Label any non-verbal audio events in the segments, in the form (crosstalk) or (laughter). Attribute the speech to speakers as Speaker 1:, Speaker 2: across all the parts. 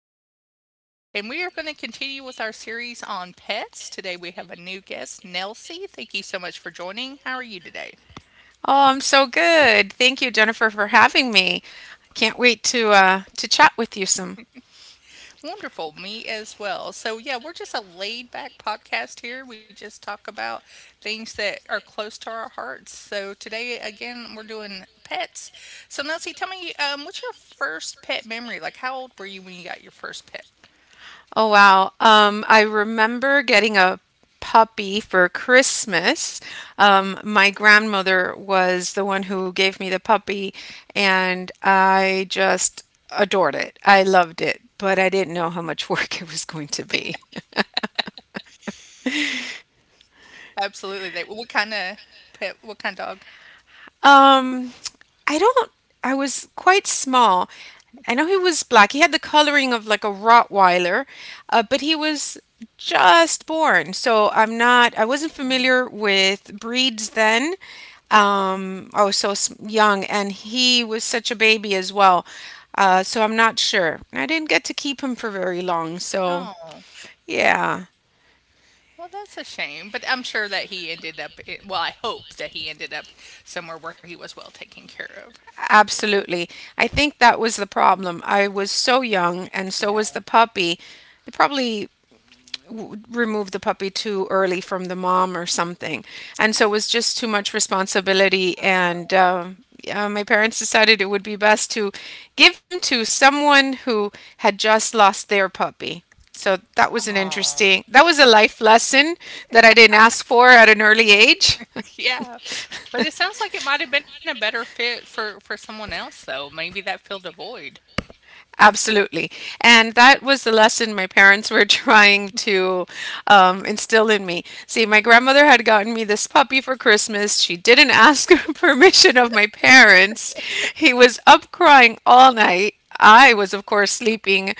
Speaker 1: with Jennifer, and we are going to continue with our series on pets. Today we have a new guest, Nelsie. Thank you so much for joining. How are you today?
Speaker 2: Oh, I'm so good. Thank you, Jennifer, for having me. Can't wait to chat with you some.
Speaker 1: Wonderful. Me as well. So, yeah, we're just a laid back podcast here. We just talk about things that are close to our hearts. So, today again, we're doing pets. So, Nelsie, tell me, what's your first pet memory? Like, how old were you when you got your first pet?
Speaker 2: Oh wow. I remember getting a puppy for Christmas. My grandmother was the one who gave me the puppy and I just adored it. I loved it, but I didn't know how much work (laughs) it was going to be.
Speaker 1: Absolutely, they what kinda pet what kind of dog?
Speaker 2: Um I don't I was quite small. I
Speaker 1: Okay.
Speaker 2: know he was black. He had the coloring of like a Rottweiler, but he was just born. So I'm not, I wasn't familiar with breeds then. I was so young, and he was such a baby as well. So I'm not sure. I didn't get to keep him for very long. So
Speaker 1: Oh,
Speaker 2: yeah,
Speaker 1: well, that's a shame, but I'm sure that he ended up I well, I hope that he ended up somewhere where he was well taken care of.
Speaker 2: absolutely. I think that was the problem. I was so young, and so
Speaker 1: Yeah.
Speaker 2: was the puppy. They probably remove the puppy too early from the mom or something. And so it was just too much responsibility. And my parents decided it would be best to give him to someone who had just lost their puppy. So that was an
Speaker 1: Oh.
Speaker 2: interesting, that was a life lesson that I didn't ask for at an early age.
Speaker 1: (laughs) Yeah, but it
Speaker 2: (laughs)
Speaker 1: sounds like it might have been a better fit for someone else, though, maybe that filled a void.
Speaker 2: Absolutely. And that was the lesson my parents were (laughs) trying to instill in me. See, my grandmother had gotten me this puppy for Christmas. She didn't ask (laughs) permission of my parents. He was up crying all night. I was, of course, sleeping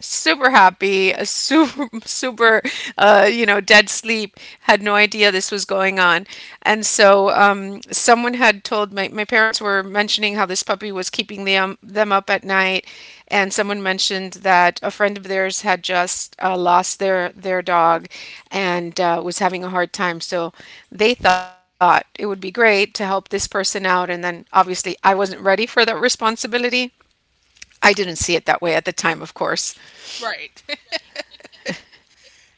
Speaker 2: super happy, super, (laughs) super, you know, dead sleep, had no idea this was going on. And so someone had told my, my parents were mentioning how this puppy was keeping them up at night. And someone mentioned that a friend of theirs had just lost their dog and was having a hard time. So they thought it would be great to help this person out. And then obviously I wasn't ready for that responsibility. I didn't see it that way at the time, of course.
Speaker 1: Right. (laughs)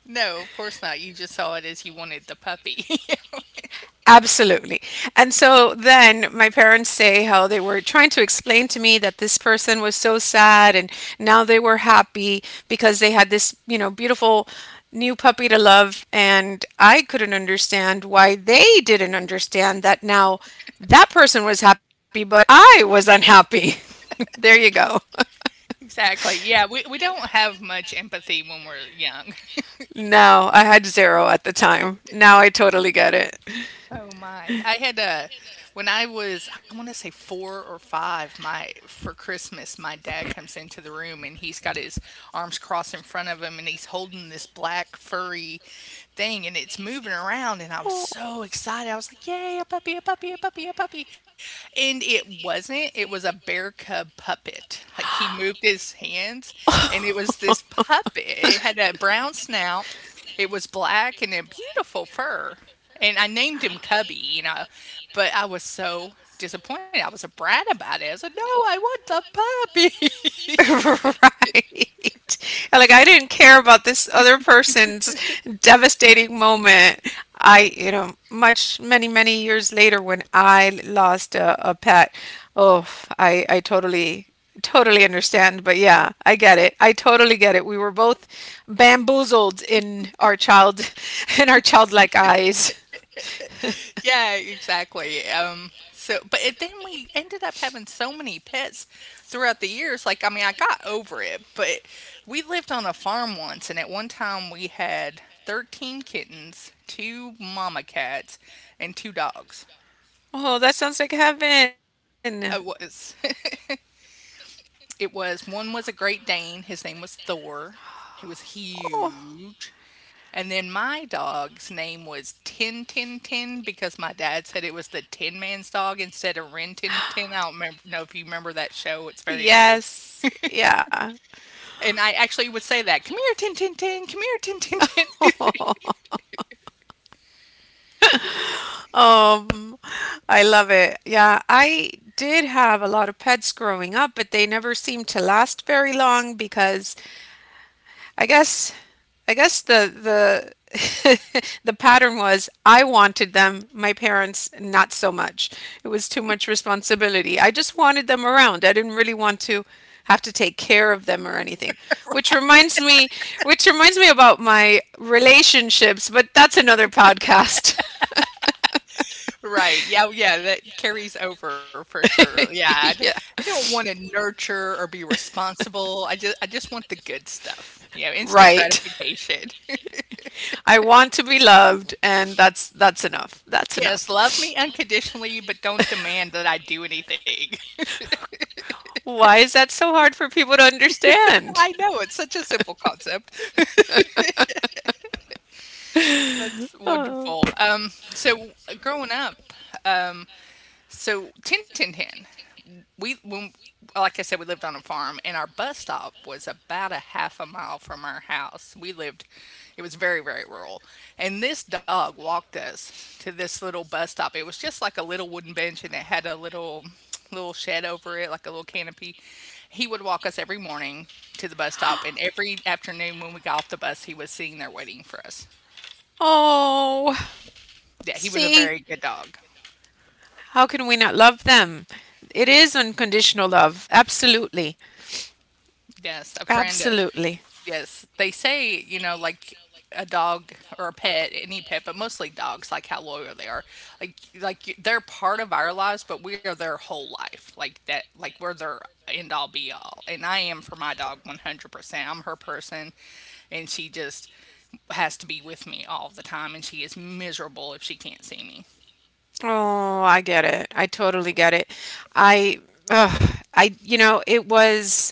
Speaker 1: No, of course not, you just saw it as you wanted the puppy.
Speaker 2: Absolutely. And so then my parents say how they were trying to explain to me that this person was so sad and now they were happy because they had this, you know, beautiful new puppy to love. And I couldn't understand why they didn't understand that now that person was happy, but I was unhappy. (laughs) There you go.
Speaker 1: (laughs) Exactly, yeah, we don't have much empathy when we're young.
Speaker 2: No, I had zero at the time. Now I totally get it.
Speaker 1: Oh my. I had a When I was, I want to say four or five, my for Christmas, my dad comes into the room and he's got his arms crossed in front of him and he's holding this black furry thing and it's moving around and I was
Speaker 2: Oh.
Speaker 1: so excited. I was like, "Yay, a puppy, a puppy, a puppy, a puppy." And it wasn't, it was a bear cub puppet. Like he moved his hands and it was this puppet. It had a brown snout. It was black and a beautiful fur. And I named him Cubby, you know, but I was so disappointed. I was a brat about it. I said, "No, I want the puppy."
Speaker 2: Like, no, I want the puppy. (laughs) Right. Like I didn't care about this other person's devastating moment. I, you know, much many many years later when I lost a pet, oh, I totally totally understand. But yeah, I get it. I totally get it. We were both bamboozled in our child (laughs) in our childlike eyes.
Speaker 1: (laughs)
Speaker 2: (laughs)
Speaker 1: Yeah, exactly. But it, then we ended up having so many pets throughout the years. Like, I mean, I got over it, but we lived on a farm once, and at one time we had 13 kittens, two mama cats, and two dogs.
Speaker 2: Oh, that sounds like heaven.
Speaker 1: I was. (laughs) It was one was a Great Dane. His name was Thor. He was
Speaker 2: Oh,
Speaker 1: huge. And then my dog's name was Tin Tin Tin because my dad said it was the Tin Man's dog instead of Rin Tin Tin. I don't remember, know if you remember that show. It's very old.
Speaker 2: yes. Yeah.
Speaker 1: And I actually would say that, "Come here, Tin Tin Tin, come here, Tin Tin Tin." (laughs)
Speaker 2: (laughs) Um, I love it. Yeah, I did have a lot of pets growing up, but they never seemed to last very long because I guess I guess the (laughs) the pattern was I wanted them, my parents not so much. It was too much responsibility. I just wanted them around. I didn't really want to have to take care of them or anything. Which reminds me which reminds me about my relationships, but that's another podcast.
Speaker 1: Right. Yeah, oh, yeah, that carries over for sure. Yeah.
Speaker 2: (laughs) Yeah.
Speaker 1: I don't want to nurture or be responsible. I just want the good stuff. You know, instant
Speaker 2: Right.
Speaker 1: gratification.
Speaker 2: I want to be loved and that's enough. That's
Speaker 1: Yes, love
Speaker 2: enough.
Speaker 1: me unconditionally, but don't demand that I do anything.
Speaker 2: Why is that so hard for people to
Speaker 1: (laughs)
Speaker 2: understand?
Speaker 1: I
Speaker 2: (laughs)
Speaker 1: know, it's such a simple concept. That's
Speaker 2: Oh.
Speaker 1: wonderful. So growing up, so 10, 10, 10. We when like I said, we lived on a farm, and our bus stop was about a 1/2 mile from our house. We lived, it was very, very rural. And this dog walked us to this little bus stop. It was just like a little wooden bench, and it had a little shed over it, like a little canopy. He would walk us every morning to the bus stop, and every afternoon when we got off the bus, he was sitting there waiting for us.
Speaker 2: Oh.
Speaker 1: Yeah, he was a
Speaker 2: See,
Speaker 1: very good dog.
Speaker 2: how can we not love them? It is unconditional love. Absolutely.
Speaker 1: Yes, a friend.
Speaker 2: Absolutely.
Speaker 1: Yes, they say, you know, like a dog or a pet, any pet, but mostly dogs, like how loyal they are. Like they're part of our lives, but we are their whole life. Like that, like we're their end all be all. And I am for my dog 100%. I'm her person, and she just has to be with me all the time, and she is miserable if she can't see me.
Speaker 2: Oh, I get it. I totally get it. I, ugh, I, you know, it was.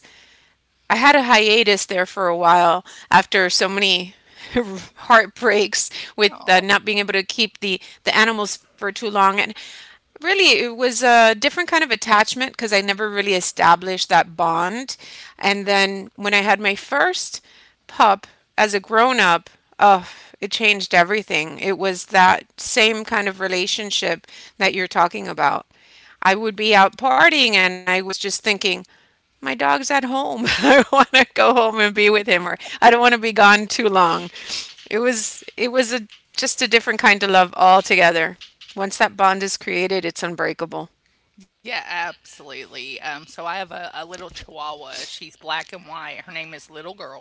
Speaker 2: I had a hiatus there for a while after so many (laughs) heartbreaks with
Speaker 1: Oh,
Speaker 2: not being able to keep the animals for too long and really it was a different kind of attachment because I never really established that bond. And then when I had my first pup as a grown up, oh, it changed everything. It was that same kind of relationship that you're talking about. I would be out partying and I was just thinking, my dog's at home. (laughs) I want to go home and be with him, or I don't want to be gone too long. It was a just a different kind of love altogether. Once that bond is created, it's unbreakable.
Speaker 1: yeah, absolutely. So I have a little chihuahua. She's black and white. Her name is Little Girl.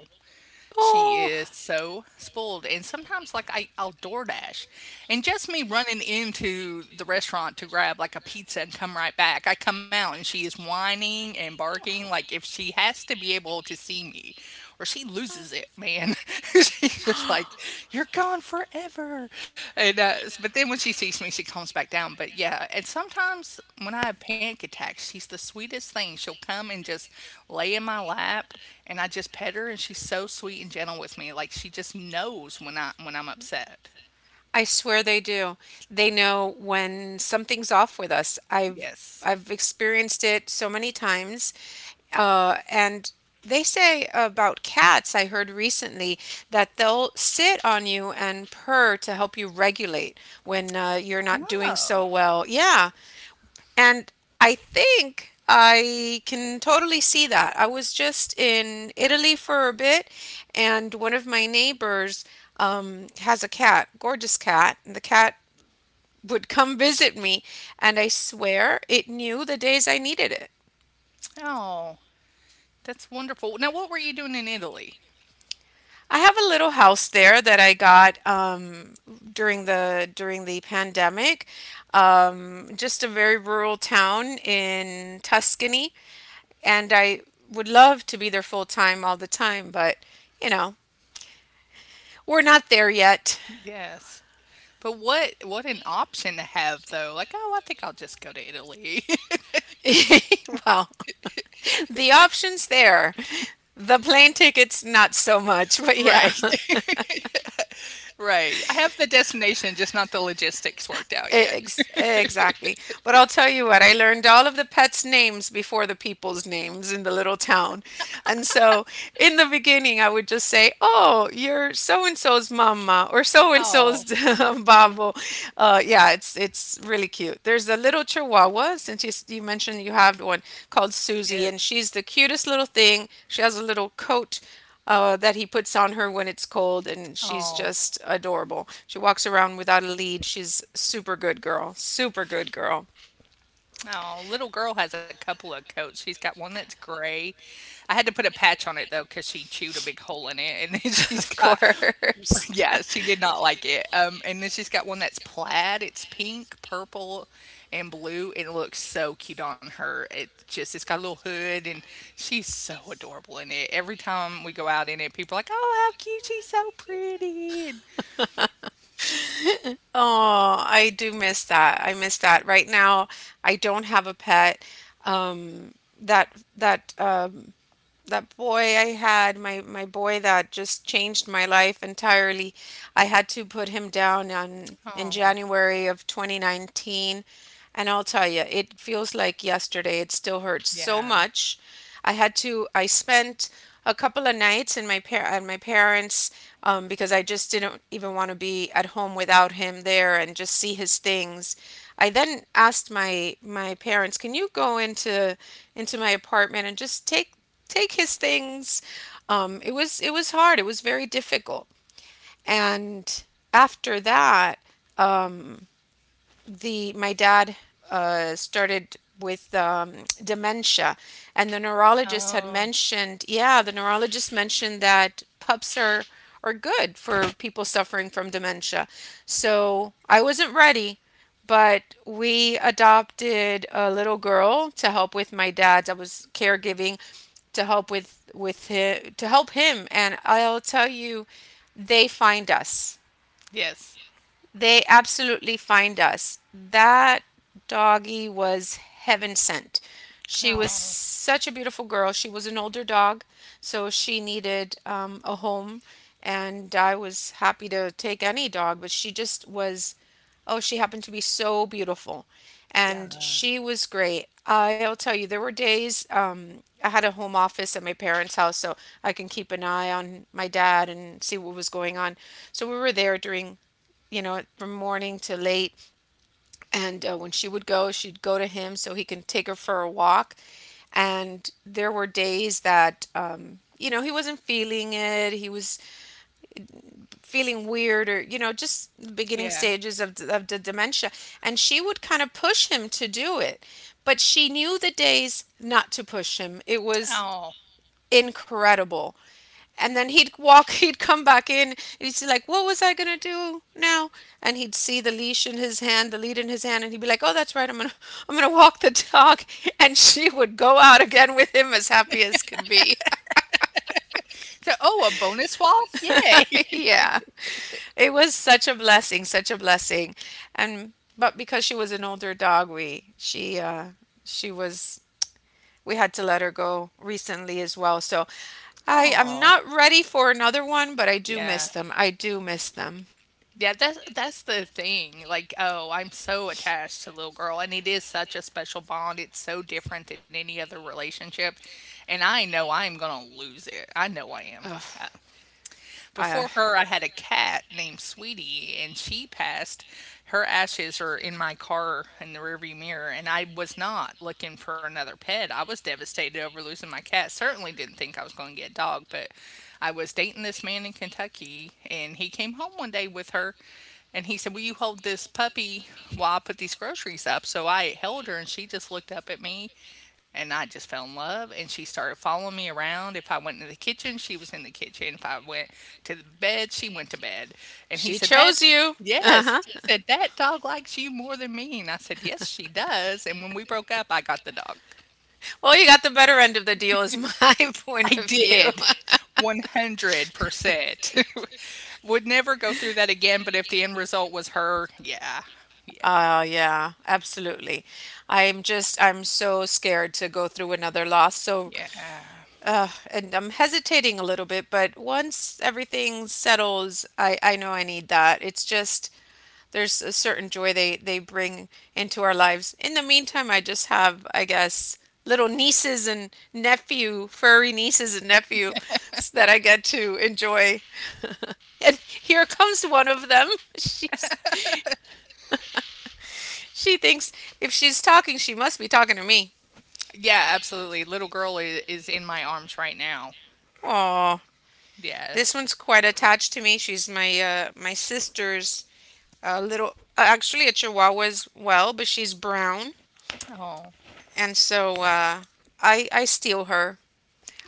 Speaker 1: She
Speaker 2: Oh,
Speaker 1: is so spoiled, and sometimes, like, I'll DoorDash, and just me running into the restaurant to grab, like, a pizza and come right back, I come out and she is whining and barking, like, if she has to be able to see me or she loses it, man. (laughs) She's just like you're gone forever. And but then when she sees me, she calms back down. But yeah, and sometimes when I have panic attacks, she's the sweetest thing. She'll come and just lay in my lap, and I just pet her, and she's so sweet and gentle with me. Like she just knows when I when I'm upset.
Speaker 2: I swear they do. They know when something's off with us. I've
Speaker 1: Yes.
Speaker 2: I've experienced it so many times. And they say about cats, I heard recently that they'll sit on you and purr to help you regulate when you're not doing so
Speaker 1: Oh.
Speaker 2: well. Yeah. And I think I can totally see that. I was just in Italy for a bit, and one of my neighbors has a cat, gorgeous cat, and the cat would come (laughs) visit me, and I swear it knew the days I needed it.
Speaker 1: Oh, that's wonderful. Now, what were you doing in Italy?
Speaker 2: I have a little house there that I got during the pandemic. Just a very rural town in Tuscany, and I would love to be there full time all the time, but you know, we're not there yet.
Speaker 1: Yes. But what an option to have though. Like, oh, I think I'll just go to Italy.
Speaker 2: (laughs) Well, the option's there. The plane ticket's not so much,
Speaker 1: (laughs)
Speaker 2: but yeah.
Speaker 1: Right.
Speaker 2: (laughs)
Speaker 1: Right. I have the destination, just not the logistics worked out yet.
Speaker 2: E-, Ex exactly. But I'll tell you what, I learned all of the pets' names before the people's names in the little town. And so in the beginning, I would just say, oh, you're so and so's mama or so and so's
Speaker 1: Oh,
Speaker 2: (laughs) babo. Yeah, it's really cute. There's a little chihuahua, since you mentioned you have one called Susie, and
Speaker 1: yes.
Speaker 2: she's the cutest little thing. She has a little coat that he puts on her when it's cold, and she's
Speaker 1: Oh.
Speaker 2: just adorable. She walks around without a lead. She's super good girl. Super good girl.
Speaker 1: Oh, little girl has a couple of coats. She's got one that's gray. I had to put a patch on it though because she chewed a big hole in it, and then (laughs)
Speaker 2: (laughs)
Speaker 1: she's
Speaker 2: Of
Speaker 1: got
Speaker 2: course. (laughs)
Speaker 1: yeah, she did not like it. And then she's got one that's plaid. It's pink, purple, and blue. It looks so cute on her. It's got a little hood, and she's so adorable in it. Every time we go out in it, people are like, "Oh, how cute! She's so pretty."
Speaker 2: Oh, I do miss that. I miss that. Right now, I don't have a pet. Um, that that um, that boy I had, my boy that just changed my life entirely. I had to put him down on in
Speaker 1: Oh,
Speaker 2: January of 2019, and I'll tell you, it feels like yesterday. It still hurts so
Speaker 1: yeah.
Speaker 2: much. I had to. I spent a couple of nights in my par at my parents' because I just didn't even want to be at home without him there and just see his things. I then asked my parents, "Can you go into my apartment and just take his things." It was hard. It was very difficult. And after that, um, the my dad started with dementia, and the neurologist had
Speaker 1: Oh,
Speaker 2: mentioned, yeah, the neurologist mentioned that pups are good for people suffering from dementia. So I wasn't ready, but we adopted a little girl to help with my dad's. I was caregiving to help with him to help him, and I'll tell you, they find us.
Speaker 1: yes.
Speaker 2: They absolutely find us. That doggy was heaven sent. She was
Speaker 1: Oh,
Speaker 2: such a beautiful girl. She was an older dog, so she needed a home, and I was happy to take any dog, but she just was. Oh, she happened to be so beautiful, and
Speaker 1: yeah,
Speaker 2: she was great. I'll tell you, there were days I had a home office at my parents' house, so I can keep an eye on my dad and see what was going on. So we were there during you know, from morning to late. And when she would go, she'd go to him so he can take her for a walk. And there were days that, you know, he wasn't feeling it. He was feeling weird or, you know, just the beginning
Speaker 1: yeah.
Speaker 2: stages of, of the dementia. And she would kind of push him to do it. But she knew the days not to push him. It was
Speaker 1: Oh.
Speaker 2: incredible. And then he'd walk (laughs) he'd come back in and he'd say, like, what was I going to do now, and he'd see the leash in his hand, the lead in his hand, and he'd be like, oh, that's right, I'm going to (laughs) I'm going to walk the dog. (laughs) And she would go out again with him as happy as could be.
Speaker 1: So, oh, a bonus walk? Yay.
Speaker 2: (laughs)
Speaker 1: (laughs)
Speaker 2: Yeah, it was such a blessing, such a blessing. And but because she was an older dog, we she was we had to let her go recently as well. So I am
Speaker 1: Oh,
Speaker 2: not ready for another one, but I do
Speaker 1: yeah.
Speaker 2: miss them. I do miss them.
Speaker 1: Yeah, that's the thing. Like, oh, I'm so attached to little girl, and it is such a special bond. It's so different than any other relationship, and I know I'm gonna lose it. I know I am.
Speaker 2: Oh. Uh,
Speaker 1: Before her, I had a cat named Sweetie, and she passed. Her ashes are in my car in the rearview mirror, and I was not looking for another pet. I was devastated over losing my cat. Certainly didn't think I was going to get a dog, but I was dating this man in Kentucky, and he came home one day with her, and he said, "Will you hold this puppy while I put these groceries up?" So I held her and she just looked up at me and I just fell in love. And she started following me around. If I went into the kitchen, she was in the kitchen. If I went to the bed, she went to bed. And he
Speaker 2: she
Speaker 1: said,
Speaker 2: chose you. Uh
Speaker 1: yes. He
Speaker 2: huh.
Speaker 1: said, "That dog likes you more than me." And I said, "Yes, she does." And when we broke up, I got the dog.
Speaker 2: Well, you got the better end of the deal, is my (laughs)
Speaker 1: (laughs) I
Speaker 2: point of view.
Speaker 1: did.
Speaker 2: (laughs)
Speaker 1: 100%. (laughs) Would never go through that again. But if the end result was her, yeah. Yeah.
Speaker 2: Oh, yeah, absolutely. I'm just, I'm so scared to go through another loss. So,
Speaker 1: Yeah.
Speaker 2: and I'm hesitating a little bit, but once everything settles, I know I need that. It's just, there's a certain joy they bring into our lives. In the meantime, I just have, I guess, little nieces and nephew, furry nieces and nephew that I get to enjoy. (laughs) And here comes one of them. (laughs) She's she thinks if she's talking, she must be talking to me.
Speaker 1: Yeah, absolutely. Is in my arms right now.
Speaker 2: Oh,
Speaker 1: Yeah.
Speaker 2: this one's quite attached to me. She's my my sister's little, actually a Chihuahua as well, but she's brown,
Speaker 1: Oh.
Speaker 2: and so I steal her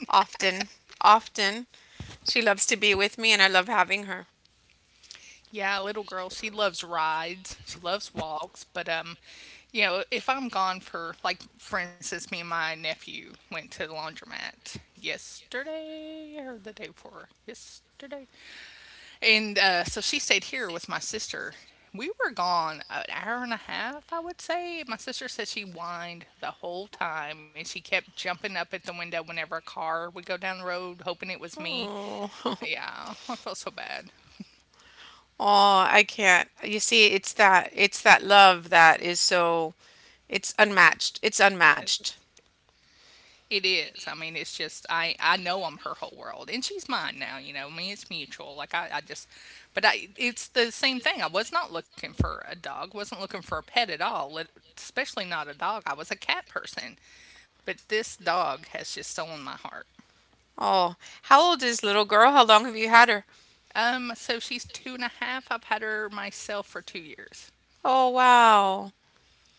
Speaker 2: often, often. She loves to be with me, and I love having her.
Speaker 1: Yeah, little girl, she loves rides. She loves walks, but you know, if I'm gone for like for instance, me and my nephew went to the laundromat yesterday or the day before. Yesterday. And so she stayed here with my sister. We were gone 1 hour and a half, I would say. My sister said she whined the whole time and she kept jumping up at the window whenever a car would go down the road, hoping it was me.
Speaker 2: Oh, (laughs)
Speaker 1: Yeah, (laughs) I felt so bad.
Speaker 2: oh, I can't. You see, it's that love that is so it's unmatched. It's
Speaker 1: Yes.
Speaker 2: unmatched.
Speaker 1: It is. I mean, it's just I know I'm her whole world, and she's mine now. You know, I mean, it's mutual. But I, it's the same thing. I was not looking for a dog. Wasn't looking for a pet at all. Lit- Especially not a dog. I was a cat person, but this dog has just stolen my heart.
Speaker 2: Oh, how old is little girl? How long have you had her?
Speaker 1: So she's two and a half. I've had her myself for 2 years.
Speaker 2: Oh, wow.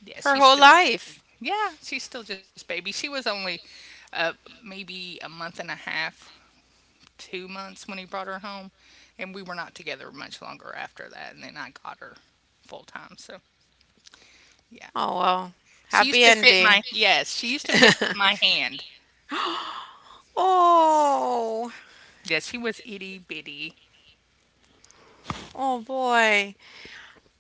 Speaker 1: Yeah,
Speaker 2: Her
Speaker 1: she's
Speaker 2: whole
Speaker 1: still a baby.
Speaker 2: life.
Speaker 1: Yeah, she's still just baby. She was only uh, maybe 1 month and a half 2 months when he brought her home, and we were not together much longer after that. And then I got her full time. So yeah,
Speaker 2: Oh, well.
Speaker 1: she used
Speaker 2: Happy
Speaker 1: to fit
Speaker 2: ending.
Speaker 1: my yes, she used to fit my hand.
Speaker 2: (laughs) Oh.
Speaker 1: Yes, she was itty bitty.
Speaker 2: Oh boy.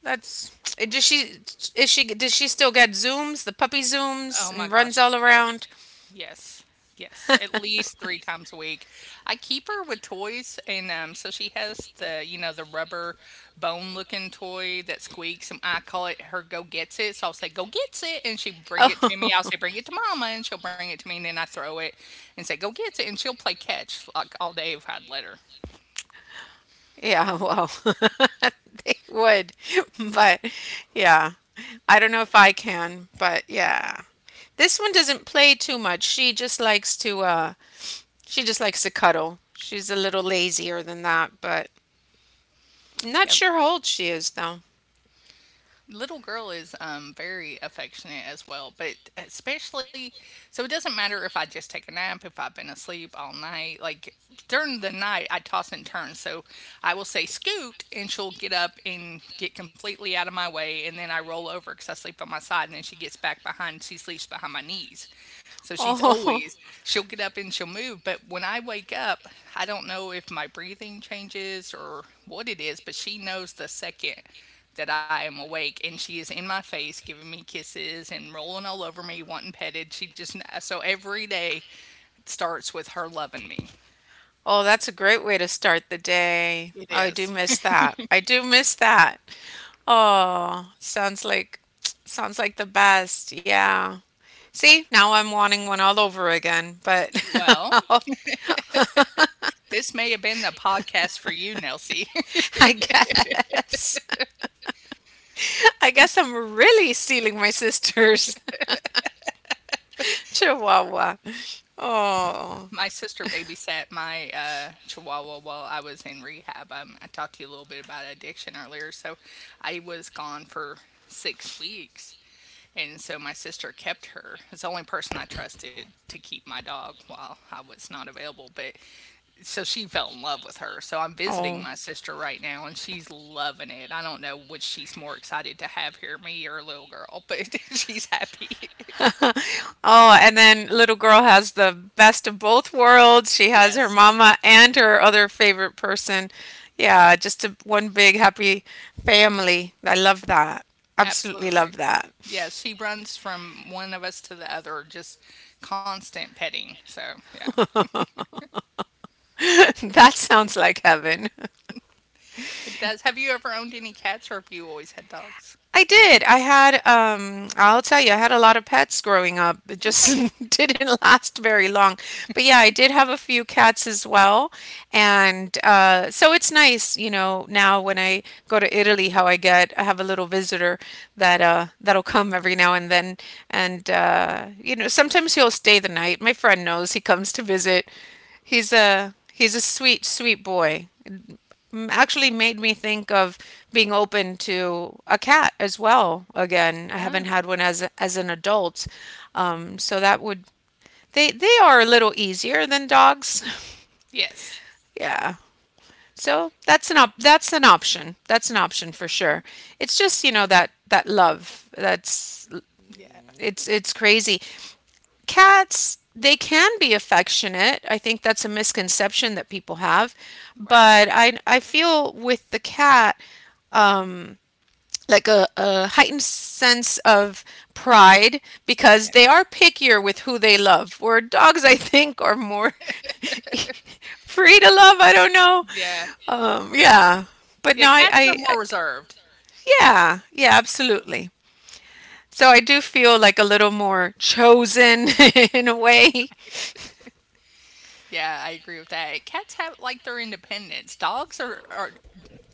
Speaker 2: That's it. Does she is she does she still get zooms, the puppy zooms,
Speaker 1: Oh my
Speaker 2: and runs
Speaker 1: gosh,
Speaker 2: all
Speaker 1: yes.
Speaker 2: around?
Speaker 1: Yes. Yes. At
Speaker 2: (laughs)
Speaker 1: least three times a week. I keep her with toys and so she has the you know, the rubber bone looking toy that squeaks and I call it her go gets it. So I'll say, "Go gets it," and she bring it to
Speaker 2: Oh,
Speaker 1: me. I'll say, "Bring it to mama," and she'll bring it to me and then I throw it and say, "Go gets it," and she'll play catch like all day if I'd let her.
Speaker 2: yeah. Well, (laughs) they would, but yeah. I don't know if I can, but yeah. This one doesn't play too much. She just likes to cuddle. She's a little lazier than that, but not
Speaker 1: Yep.
Speaker 2: sure how old she is though.
Speaker 1: Little girl is very affectionate as well, but especially so it doesn't matter if I just take a nap, if I've been asleep all night. Like during the night, I toss and turn. So I will say scoot, and she'll get up and get completely out of my way. And then I roll over because I sleep on my side, and then she gets back behind, she sleeps behind my knees. So
Speaker 2: Oh. (laughs)
Speaker 1: she'll get up and she'll move, but when I wake up, I don't know if my breathing changes or what it is, but she knows the second that I am awake and she is in my face giving me kisses and rolling all over me, wanting petted. So every day starts with her loving me.
Speaker 2: Oh, that's a great way to start the day.
Speaker 1: It
Speaker 2: Oh, I do
Speaker 1: is.
Speaker 2: miss that. I do miss that. Oh, sounds like the best. Yeah. See, now I'm wanting one all over again, but
Speaker 1: Well,
Speaker 2: (laughs)
Speaker 1: this may have been the podcast for you, Nelsie.
Speaker 2: I guess I guess I'm really stealing my sister's (laughs) Chihuahua. Oh.
Speaker 1: My sister babysat my chihuahua while I was in rehab. I talked to you a little bit about addiction earlier. So I was gone for 6 weeks. And so my sister kept her. It's the only person I trusted to keep my dog while I was not available. But so she fell in love with her. So I'm visiting
Speaker 2: Oh.
Speaker 1: my sister right now and she's loving it. I don't know which she's more excited to have here, me or little girl, but (laughs) she's happy.
Speaker 2: Oh, and then little girl has the best of both worlds. She
Speaker 1: (laughs)
Speaker 2: has her
Speaker 1: Yes.
Speaker 2: mama and her other favorite person. Yeah, just a, one big happy family. I love that. Absolutely
Speaker 1: Absolutely.
Speaker 2: love that.
Speaker 1: Yes. She runs from one of us to the other, just constant petting. So, yeah.
Speaker 2: (laughs) That sounds like heaven.
Speaker 1: It does. Have you ever owned any cats or have you always had dogs?
Speaker 2: I did. I had, I'll tell you, I had a lot of pets growing up. It
Speaker 1: Okay.
Speaker 2: just (laughs) didn't last very long. But yeah, I did have a few cats as well. And so it's nice, you know, now when I go to Italy, how I get, I have a little visitor that that'll come every now and then. And, you know, sometimes he'll stay the night. My friend knows he comes to visit. He's a sweet, sweet boy actually made me think of being open to a cat as well. Again, I
Speaker 1: Yeah.
Speaker 2: haven't had one as as an adult, so that would they are a little easier than dogs.
Speaker 1: Yes.
Speaker 2: (laughs) Yeah, so that's an that's an option. That's an option for sure. It's just you know that that love that's
Speaker 1: Yeah.
Speaker 2: it's crazy. Cats they can be affectionate. I think that's a misconception that people have,
Speaker 1: Right.
Speaker 2: but I feel with the cat um, like a heightened sense of pride
Speaker 1: Yeah.
Speaker 2: because they are pickier with who they love. Where dogs, I think, are more (laughs) free to love. I don't know.
Speaker 1: Yeah.
Speaker 2: Yeah, but
Speaker 1: Yeah,
Speaker 2: no,
Speaker 1: cats are
Speaker 2: I,
Speaker 1: more reserved.
Speaker 2: yeah, yeah, absolutely. So I do feel like a little more chosen (laughs) in a way.
Speaker 1: (laughs) Yeah, I agree with that. Cats have like their independence. Dogs are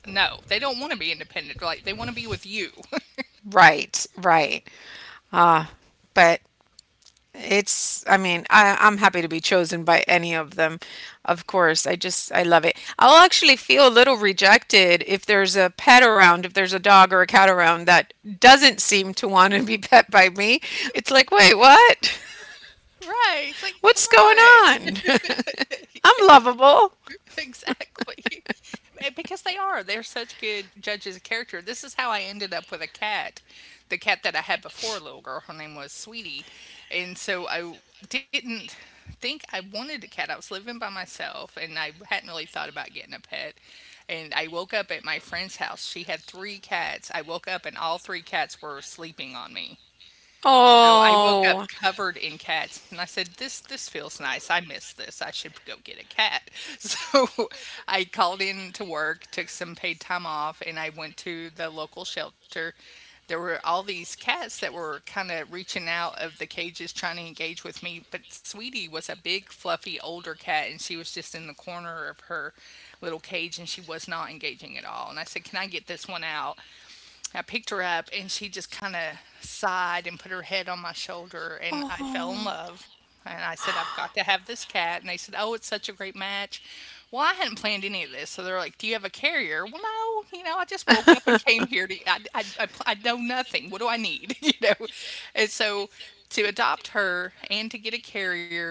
Speaker 1: no, they don't want to be independent. Like they want to be with you. (laughs)
Speaker 2: Right, right. Ah, but it's, I mean, I, I'm happy to be chosen by any of them. Of course, I just, I love it. I'll actually feel a little rejected if there's a pet around, if there's a dog or a cat around that doesn't seem to want to be (laughs) pet by me. It's like, wait, what?
Speaker 1: Right. It's like, come
Speaker 2: (laughs) What's
Speaker 1: on.
Speaker 2: going on? (laughs) I'm lovable.
Speaker 1: (laughs) Exactly. (laughs) Because they are. They're such good judges of character. This is how I ended up with a cat. The cat that I had before, a little girl, her name was Sweetie. And so I didn't think I wanted a cat. I was living by myself and I hadn't really thought about getting a pet. And I woke up at my friend's house. She had three cats. I woke up and all three cats were sleeping on me. So I woke up
Speaker 2: Oh,
Speaker 1: covered in cats, and I said, "This feels nice. I miss this. I should go get a cat." (laughs) So I called in to work, took some paid time off, and I went to the local shelter. There were all these cats that were kind of reaching out of the cages trying to engage with me, but Sweetie was a big, fluffy, older cat, and she was just in the corner of her little cage, and she was not engaging at all. And I said, "Can I get this one out?" I picked her up and she just kinda sighed and put her head on my shoulder, and I fell in
Speaker 2: oh.
Speaker 1: love, and I said, "I've got to have this cat," and they said, "Oh, it's such a great match." Well, I hadn't planned any of this, so they're like, "Do you have a carrier?" Well, no, you know, I just woke up and came here to I know nothing. What do I need? (laughs) You know? And so to adopt her and to get a carrier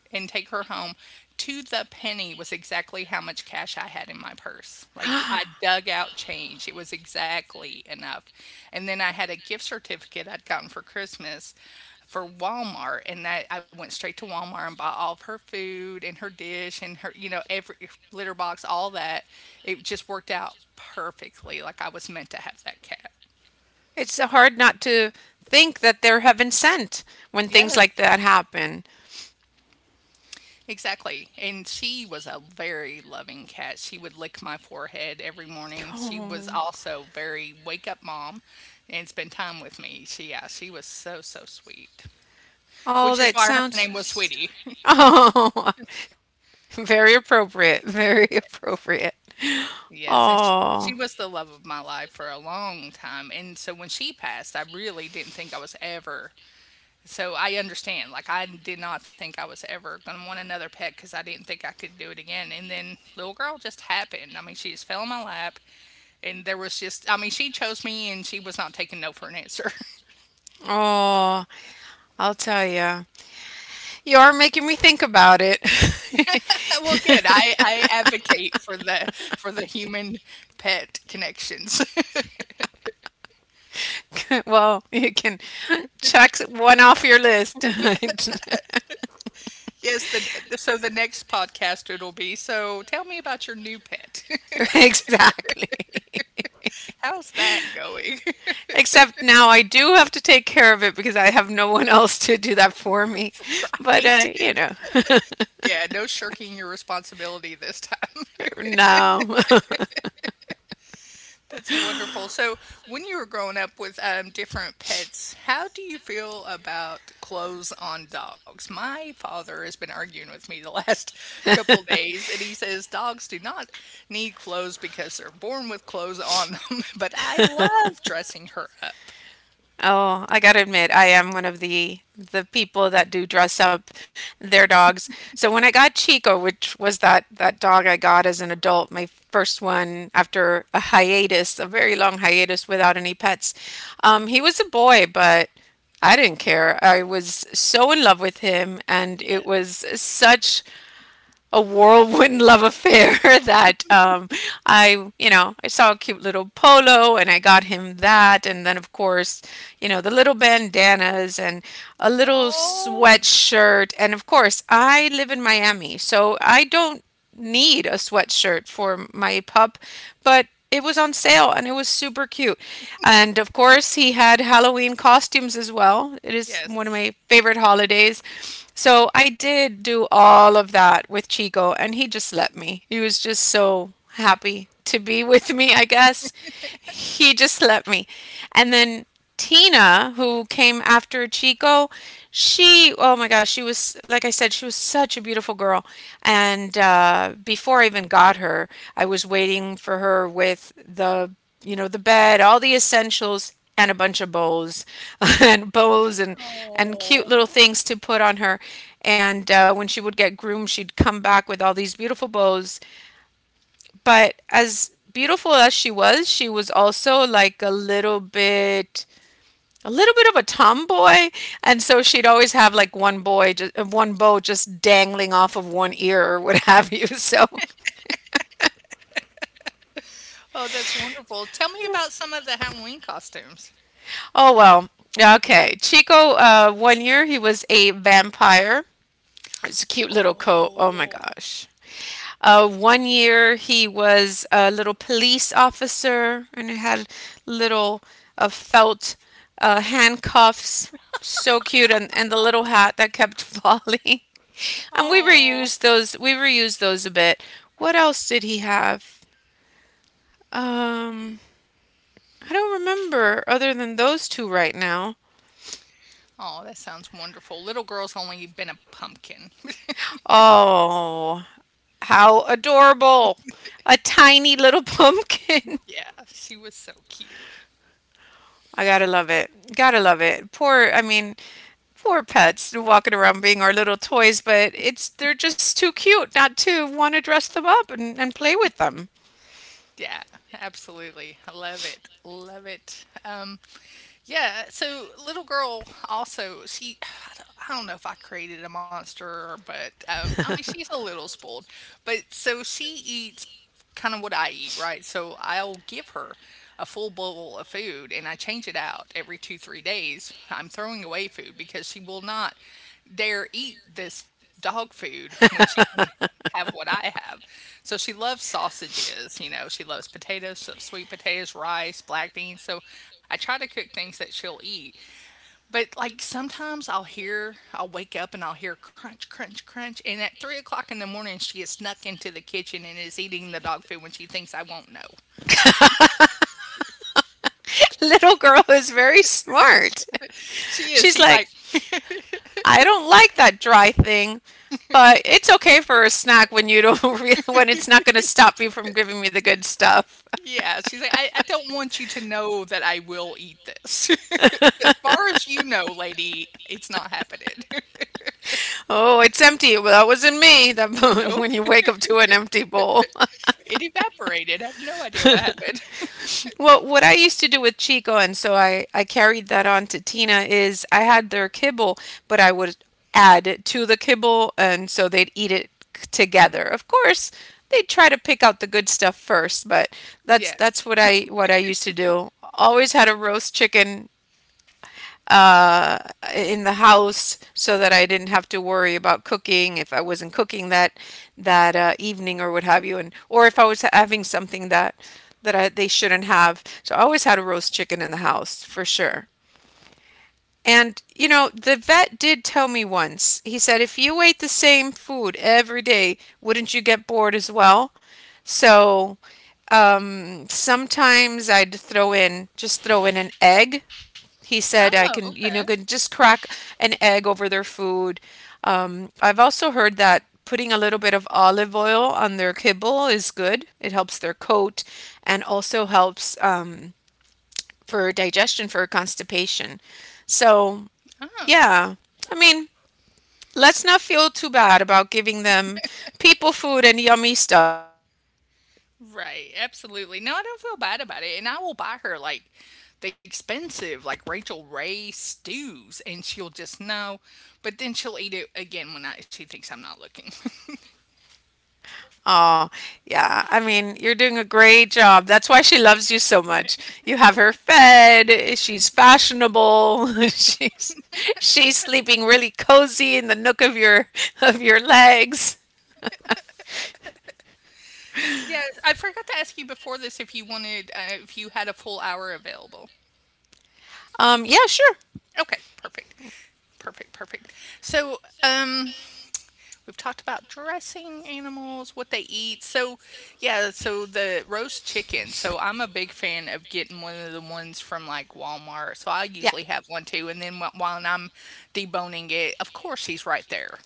Speaker 1: and take her home to the penny was exactly how much cash I had in my purse. Like I
Speaker 2: (gasps)
Speaker 1: dug out change. It was exactly enough. And then I had a gift certificate I'd gotten for Christmas for Walmart and that I went straight to Walmart and bought all of her food and her dish and her you know every litter box all that. It just worked out perfectly like I was meant to have that cat.
Speaker 2: It's so hard not to think that they're heaven sent when things
Speaker 1: Yes.
Speaker 2: like that happen.
Speaker 1: Exactly. And she was a very loving cat. She would lick my forehead every morning. She was
Speaker 2: Oh,
Speaker 1: also very wake up mom and spend time with me. She yeah, she was so so sweet. Which
Speaker 2: oh
Speaker 1: is
Speaker 2: that
Speaker 1: why her name was
Speaker 2: sounds so,
Speaker 1: Sweetie. (laughs)
Speaker 2: oh, (laughs) very appropriate, very appropriate.
Speaker 1: Yes, and sh-
Speaker 2: Oh,
Speaker 1: she was the love of my life for a long time. And so when she passed, I really didn't think I was ever. So I understand. Like I did not think I was ever going to want another pet because I didn't think I could do it again. And then little girl just happened. I mean, she just fell in my lap. And there was just I mean she chose me and she was not taking no for an answer.
Speaker 2: oh, I'll tell you, you are making me think about it.
Speaker 1: (laughs) Well good, I advocate for the human pet connections.
Speaker 2: (laughs) Well, you can check one off your list. (laughs)
Speaker 1: (laughs) Yes, the so the next podcast, it'll be so tell me about your new pet.
Speaker 2: Exactly.
Speaker 1: (laughs) How's that going?
Speaker 2: Except now I do have to take care of it because I have no one else to do that for me.
Speaker 1: (laughs)
Speaker 2: But
Speaker 1: Right.
Speaker 2: I, you know,
Speaker 1: (laughs) Yeah, no shirking your responsibility this time.
Speaker 2: (laughs) no. (laughs)
Speaker 1: That's wonderful. So, when you were growing up with different pets, how do you feel about clothes on dogs? My father has been arguing with me the last (laughs) couple days, and he says dogs do not need clothes because they're born with clothes on them. (laughs) But I love dressing her up.
Speaker 2: Oh, I gotta admit, I am one of the people that do dress up their dogs. So when I got Chico, which was that dog I got as an adult, my first one after a hiatus, a very long hiatus without any pets, he was a boy, but I didn't care. I was so in love with him, and it
Speaker 1: Yes.
Speaker 2: was such a whirlwind love affair (laughs) that I, you know, I saw a cute little polo and I got him that. And then, of course, you know, the little bandanas and a little
Speaker 1: Oh,
Speaker 2: sweatshirt. And of course, I live in Miami, so I don't need a sweatshirt for my pup but it was on sale and it was super cute. And of course, he had Halloween costumes as well. It is one
Speaker 1: yes.
Speaker 2: of my favorite holidays. So I did do all of that with Chico, and he just let me. He was just so happy to be (laughs) with me, I guess. He just let me. And then Tina, who came after Chico, she, oh my gosh, she was, like I said, she was such a beautiful girl. And before I even got her, I was waiting for her with the, you know, the bed, all the essentials, and a bunch of bows (laughs) and bows and
Speaker 1: Oh,
Speaker 2: cute little things to put on her. And when she would get groomed, she'd come back with all these beautiful bows. But as beautiful as she was also like a little bit of a tomboy, and so she'd always have like one boy, just, one bow just dangling off of one ear or what have you. (laughs) So,
Speaker 1: oh, that's wonderful. Tell me about some of the Halloween costumes.
Speaker 2: oh well. Okay, Chico. One year he was a vampire. It's a cute little coat. Oh my
Speaker 1: Oh,
Speaker 2: gosh. One year he was a little police officer, and he had little felt handcuffs. So cute, and the little hat that kept falling. (laughs) And we
Speaker 1: oh.
Speaker 2: reused those. We reused those a bit. What else did he have? Um, I don't remember other than those two right now.
Speaker 1: Oh, that sounds wonderful. Little girl's only been a pumpkin.
Speaker 2: Oh, how adorable! A tiny little pumpkin.
Speaker 1: (laughs) Yeah, she was so cute.
Speaker 2: (laughs) I gotta love it. Gotta love it. Poor, I mean, poor pets walking around being our little toys, but it's they're just too cute not to want to dress them up and play with them.
Speaker 1: Yeah, absolutely. I love it. Love it. Yeah, so little girl also, I don't know if I created a monster, but I mean, she's a little spoiled. But so she eats kind of what I eat, right? So I'll give her a full bowl of food and I change it out every two, 3 days. I'm throwing away food because she will not dare eat this dog food when she can have what I have. So she loves sausages, you know, she loves potatoes, sweet potatoes, rice, black beans. So I try to cook things that she'll eat. But, like, sometimes I'll wake up and I'll hear crunch, crunch, crunch, and at 3 o'clock in the morning, she has snuck into the kitchen and is eating the dog food when she thinks I won't know.
Speaker 2: Little girl is very smart.
Speaker 1: She
Speaker 2: (laughs)
Speaker 1: is,
Speaker 2: She's
Speaker 1: she's
Speaker 2: like,
Speaker 1: like
Speaker 2: I don't like that dry thing. But it's okay for a snack when you don't (laughs) really, when it's not going to stop you from giving me the good stuff.
Speaker 1: yeah, she's like, "I don't want you to know that I will eat this. (laughs) As far as you know, lady, it's not happening." (laughs)
Speaker 2: Oh, it's empty. Well, that wasn't me. That (laughs)
Speaker 1: Nope,
Speaker 2: when you wake up to an empty bowl.
Speaker 1: it evaporated, I have no idea what happened. (laughs)
Speaker 2: (laughs) Well, what I used to do with Chico, and so I carried that on to Tina is I had their kibble, but I would add to the kibble, and so they'd eat it together. Of course, they would try to pick out the good stuff first, but that's
Speaker 1: Yes.
Speaker 2: what I used to do. Always had a roast chicken uh, in the house so that I didn't have to worry about cooking if I wasn't cooking that evening or what have you, and or if I was having something that they shouldn't have. So I always had a roast chicken in the house for sure. And you know, the vet did tell me once. He said, if you ate the same food every day, wouldn't you get bored as well? So sometimes I'd throw in an egg he said I
Speaker 1: Oh,
Speaker 2: can, you know,
Speaker 1: okay.
Speaker 2: can just crack an egg over their food. I've also heard that putting a little bit of olive oil on their kibble is good. It helps their coat and also helps for digestion, for constipation. So,
Speaker 1: Oh.
Speaker 2: yeah, I mean, let's not feel too bad about giving them people food and yummy stuff because we would hate to have the same
Speaker 1: Right,
Speaker 2: thing day in
Speaker 1: absolutely.
Speaker 2: and
Speaker 1: No, I
Speaker 2: day
Speaker 1: don't feel
Speaker 2: out.
Speaker 1: bad about it. And I will
Speaker 2: Yeah. (laughs)
Speaker 1: buy her like the expensive, like Rachel Ray stews, and she'll just know. But then she'll eat it again when she thinks I'm not looking.
Speaker 2: Oh, yeah. I mean, you're doing a great job. That's why she loves you so much. You have her fed. She's fashionable. (laughs) She's sleeping really cozy in the nook of your legs.
Speaker 1: (laughs) Yes, I forgot to ask you before this if you wanted, if you had a full hour available.
Speaker 2: Yeah, sure.
Speaker 1: Okay, perfect. Perfect, perfect. So, we've talked about dressing animals, what they eat. So, yeah, so the roast chicken. So, I'm a big fan of getting one of the ones from like Walmart. So, I
Speaker 2: Yeah.
Speaker 1: usually have one too. And then while I'm deboning it, of course, he's right there.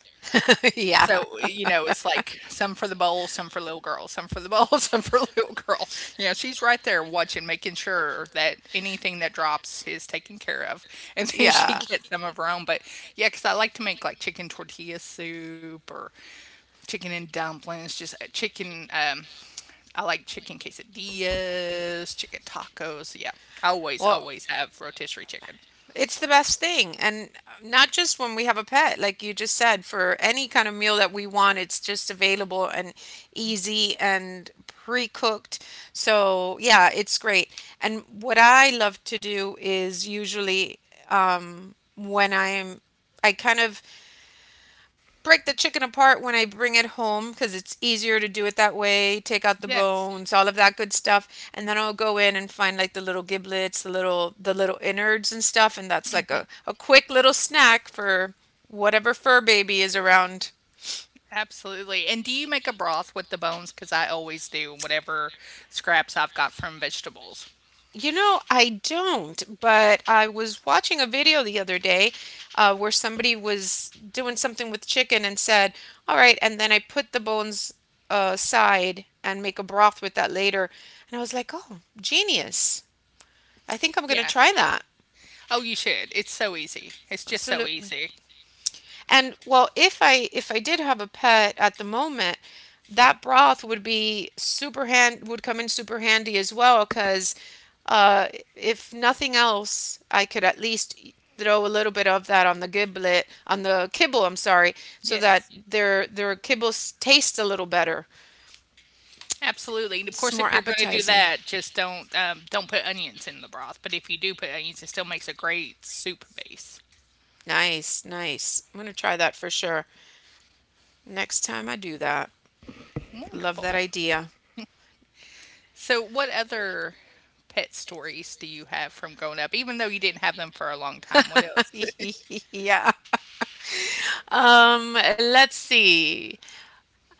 Speaker 2: (laughs) Yeah.
Speaker 1: So, you know, it's like some for the bowl, some for little girl, some for the bowl, (laughs) some for little girl. You know, she's right there watching, making sure that anything that drops is taken care of. And then (laughs) she
Speaker 2: Yeah.
Speaker 1: gets some of her own. But yeah, because I like to make like chicken tortilla soup or chicken and dumplings, just chicken. I like chicken quesadillas, chicken tacos. Yeah, I always,
Speaker 2: Well,
Speaker 1: always have rotisserie chicken.
Speaker 2: it's the best thing. And not just when we have a pet, like you just said, for any kind of meal that we want, it's just available and
Speaker 1: Yes.
Speaker 2: easy and pre-cooked. So, yeah, it's great. And what I love to do is usually when I'm, I kind of break the chicken apart when I bring it home because it's easier to do it that way. Take out the
Speaker 1: Yes.
Speaker 2: bones, all of that good stuff, and then I'll go in and find like the little giblets, the little innards and stuff, and that's like a quick little snack for whatever fur baby is around.
Speaker 1: Absolutely. And do you make a broth with the bones? Because I always do whatever scraps I've got from vegetables.
Speaker 2: You know, I don't, but I was watching a video the other day where somebody was doing something with chicken and said, "All right, and then I put the bones aside and make a broth with that later." And I was like, "Oh, genius. I think I'm going to
Speaker 1: Yeah.
Speaker 2: try that."
Speaker 1: Oh, you should. It's so easy. It's just so
Speaker 2: Absolutely.
Speaker 1: easy.
Speaker 2: And well, if I did have a pet at the moment, that broth would be super hand would come in super handy as well because uh, if nothing else, I could at least throw a little bit of that on the giblet on the kibble. I'm sorry, so that
Speaker 1: Yes.
Speaker 2: their kibbles taste a little better.
Speaker 1: Absolutely. And of
Speaker 2: It's
Speaker 1: course,
Speaker 2: more
Speaker 1: if you're going to do
Speaker 2: appetizing.
Speaker 1: that, just don't put onions in the broth. But if you do put onions, it still makes a great soup base.
Speaker 2: Nice, nice. I'm gonna try that for sure next time I do that. Love that
Speaker 1: Wonderful.
Speaker 2: idea.
Speaker 1: So, what other pet stories do you have from growing up? Even though you didn't have them for a long time, what else?
Speaker 2: (laughs)
Speaker 1: (laughs)
Speaker 2: Yeah. Let's see.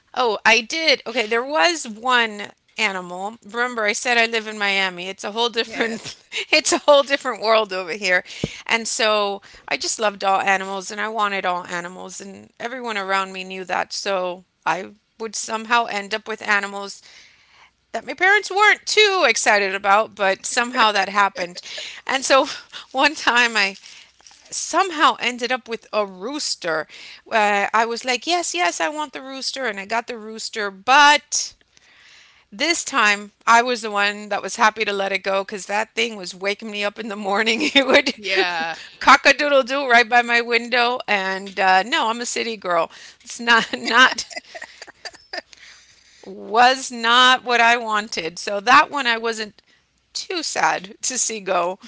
Speaker 2: Oh, I did. Okay, there was one animal. Remember, I said I live in Miami. It's a whole
Speaker 1: Yes.
Speaker 2: different (laughs) it's a whole different world over here. And so I just loved all animals and I wanted all animals and everyone around me knew that. So I would somehow end up with animals that my parents weren't too excited about, but somehow that happened. And so (laughs) one time I somehow ended up with a rooster. I was like, yes, yes, I want the rooster, and I got the rooster, but this time I was the one that was happy to let it go because that thing was waking me up in the morning. (laughs) It would
Speaker 1: Yeah.
Speaker 2: (laughs) cock a doodle doo right by my window, and no, I'm a city girl. It's not, not, was not what I wanted. So that one I wasn't too sad to see go,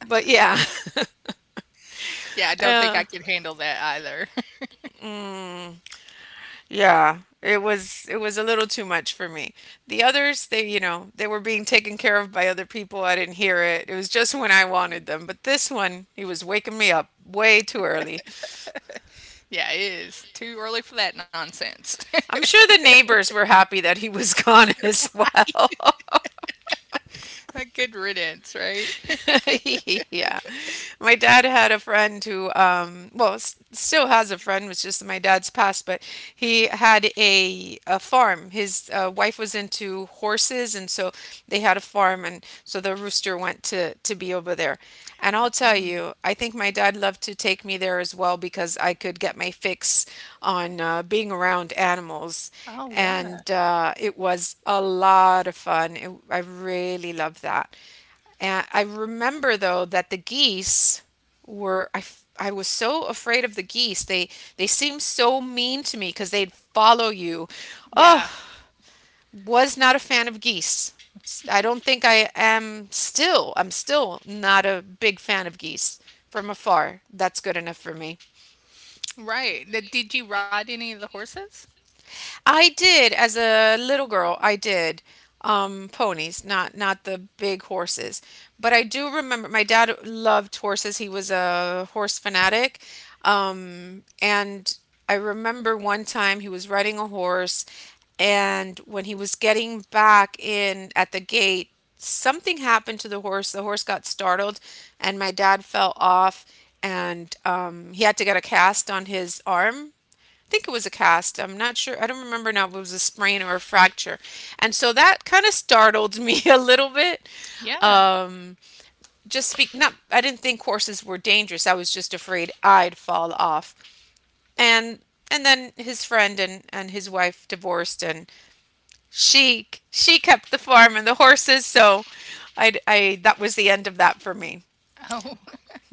Speaker 2: but yeah. (laughs)
Speaker 1: Yeah, I don't think I
Speaker 2: Uh,
Speaker 1: could handle that either.
Speaker 2: mm. Yeah, it was a little too much for me. The others, they were being taken care of by other people. I didn't hear it. It was just when I wanted them. But this one, he was waking me up way too early.
Speaker 1: Yeah, it is. Too early for that nonsense.
Speaker 2: I'm sure the neighbors were happy that he was gone (laughs) as well.
Speaker 1: (laughs) Good riddance, right?
Speaker 2: (laughs) Yeah. My dad had a friend who, well, still has a friend, was just my dad's past, but he had a farm. His wife was into horses, and so they had a farm, and so the rooster went to be over there. And I'll tell you, I think my dad loved to take me there as well because I could get my fix on being around animals.
Speaker 1: Oh, yeah.
Speaker 2: And it was a lot of fun. I really loved that. And I remember though that the geese I was so afraid of the geese. They seemed so mean to me because they'd follow you.
Speaker 1: Yeah.
Speaker 2: Oh, was not a fan of geese. I don't think I am still. I'm still not a big fan of geese from afar. That's good enough for me.
Speaker 1: Right. Th- Did you ride any of the horses?
Speaker 2: I did as a little girl. I did ponies, not the big horses. But I do remember my dad loved horses. He was a horse fanatic, and I remember one time he was riding a horse, and when he was getting back in at the gate, something happened to the horse. The horse got startled, and my dad fell off, and he had to get a cast on his arm. I think it was a cast. I'm not sure. I don't remember now if it was a sprain or a fracture. And so that kind of startled me (laughs) a little bit.
Speaker 1: Yeah.
Speaker 2: Um, just speak, not, I didn't think horses were dangerous. I was just afraid I'd fall off. And, and then his friend and his wife divorced and she kept the farm and the horses. So that was the end of that for me.
Speaker 1: Oh,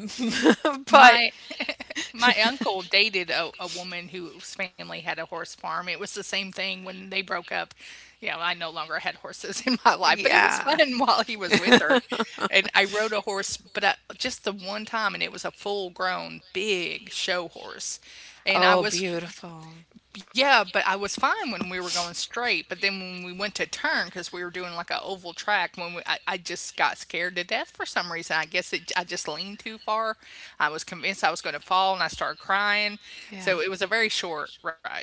Speaker 2: (laughs)
Speaker 1: (laughs)
Speaker 2: But
Speaker 1: my my uncle dated a woman whose family had a horse farm. It was the same thing when they broke up. Yeah, I no longer had horses (laughs) in my life, but it was fun
Speaker 2: yeah.
Speaker 1: (laughs) while he was with her.
Speaker 2: (laughs)
Speaker 1: And I rode a horse, but I, just the one time, and it was a full grown, big show horse. And
Speaker 2: Oh,
Speaker 1: I was
Speaker 2: beautiful.
Speaker 1: yeah, but I was fine when we were going straight. But then when we went to turn, because we were doing like a oval track, I just got scared to death for some reason. I guess I just leaned too far. I was convinced I was going to fall, and I started crying. So
Speaker 2: Yeah.
Speaker 1: it was a very short ride.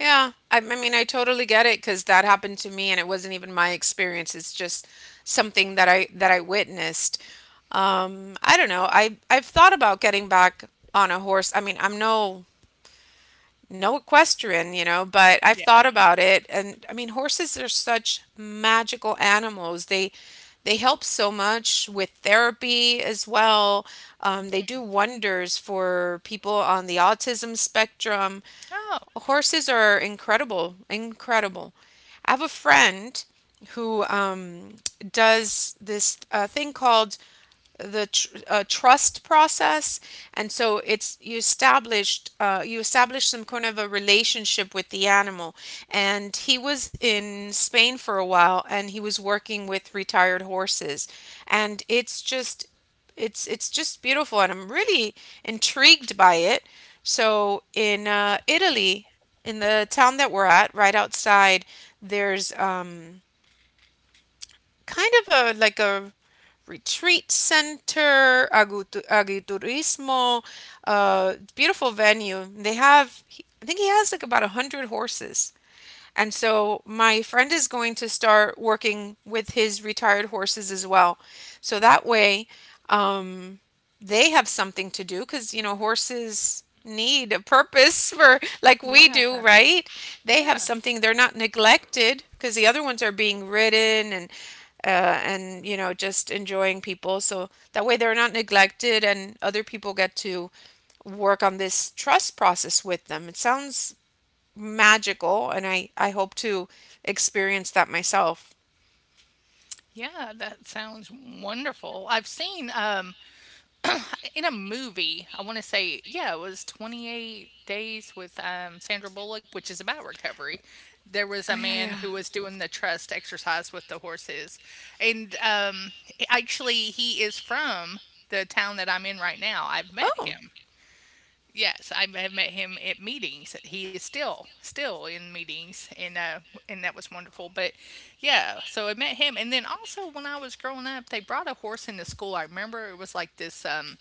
Speaker 2: Yeah. I mean, I totally get it because that happened to me and it wasn't even my experience. It's just something that I witnessed. I don't know. I've thought about getting back on a horse. I mean, I'm no equestrian, but I've
Speaker 1: Yeah.
Speaker 2: thought about it and I mean horses are such magical animals. They help so much with therapy as well. They do wonders for people on the autism spectrum.
Speaker 1: Oh,
Speaker 2: Horses are incredible, incredible. I have a friend who does this thing called the trust process, and so it's you established you establish some kind of a relationship with the animal. And he was in Spain for a while, and he was working with retired horses, and it's just beautiful and I'm really intrigued by it. So in Italy, in the town that we're at, right outside, there's kind of a like a retreat center, agiturismo, beautiful venue. They have, I think he has like about 100 horses. And so my friend is going to start working with his retired horses as well. So that way, um, they have something to do because, horses need a purpose (laughs) for like we
Speaker 1: yeah,
Speaker 2: do, right? They
Speaker 1: yeah,
Speaker 2: have something, they're not neglected because the other ones are being ridden and just enjoying people so that way they're not neglected and other people get to work on this trust process with them. It sounds magical and I hope to experience that myself.
Speaker 1: yeah. That sounds wonderful. I've seen in a movie. I want to say, yeah, it was 28 Days with Sandra Bullock, which is about recovery. There was a
Speaker 2: Oh, yeah,
Speaker 1: man
Speaker 2: yeah.
Speaker 1: who was doing the trust exercise with the horses. And actually, he is from the town that I'm in right now. I've met
Speaker 2: Oh.
Speaker 1: him. Yes, I've met him at meetings. He is still in meetings, and that was wonderful. But yeah, so I met him, and then also when I was growing up, they brought a horse into school. I remember it was like this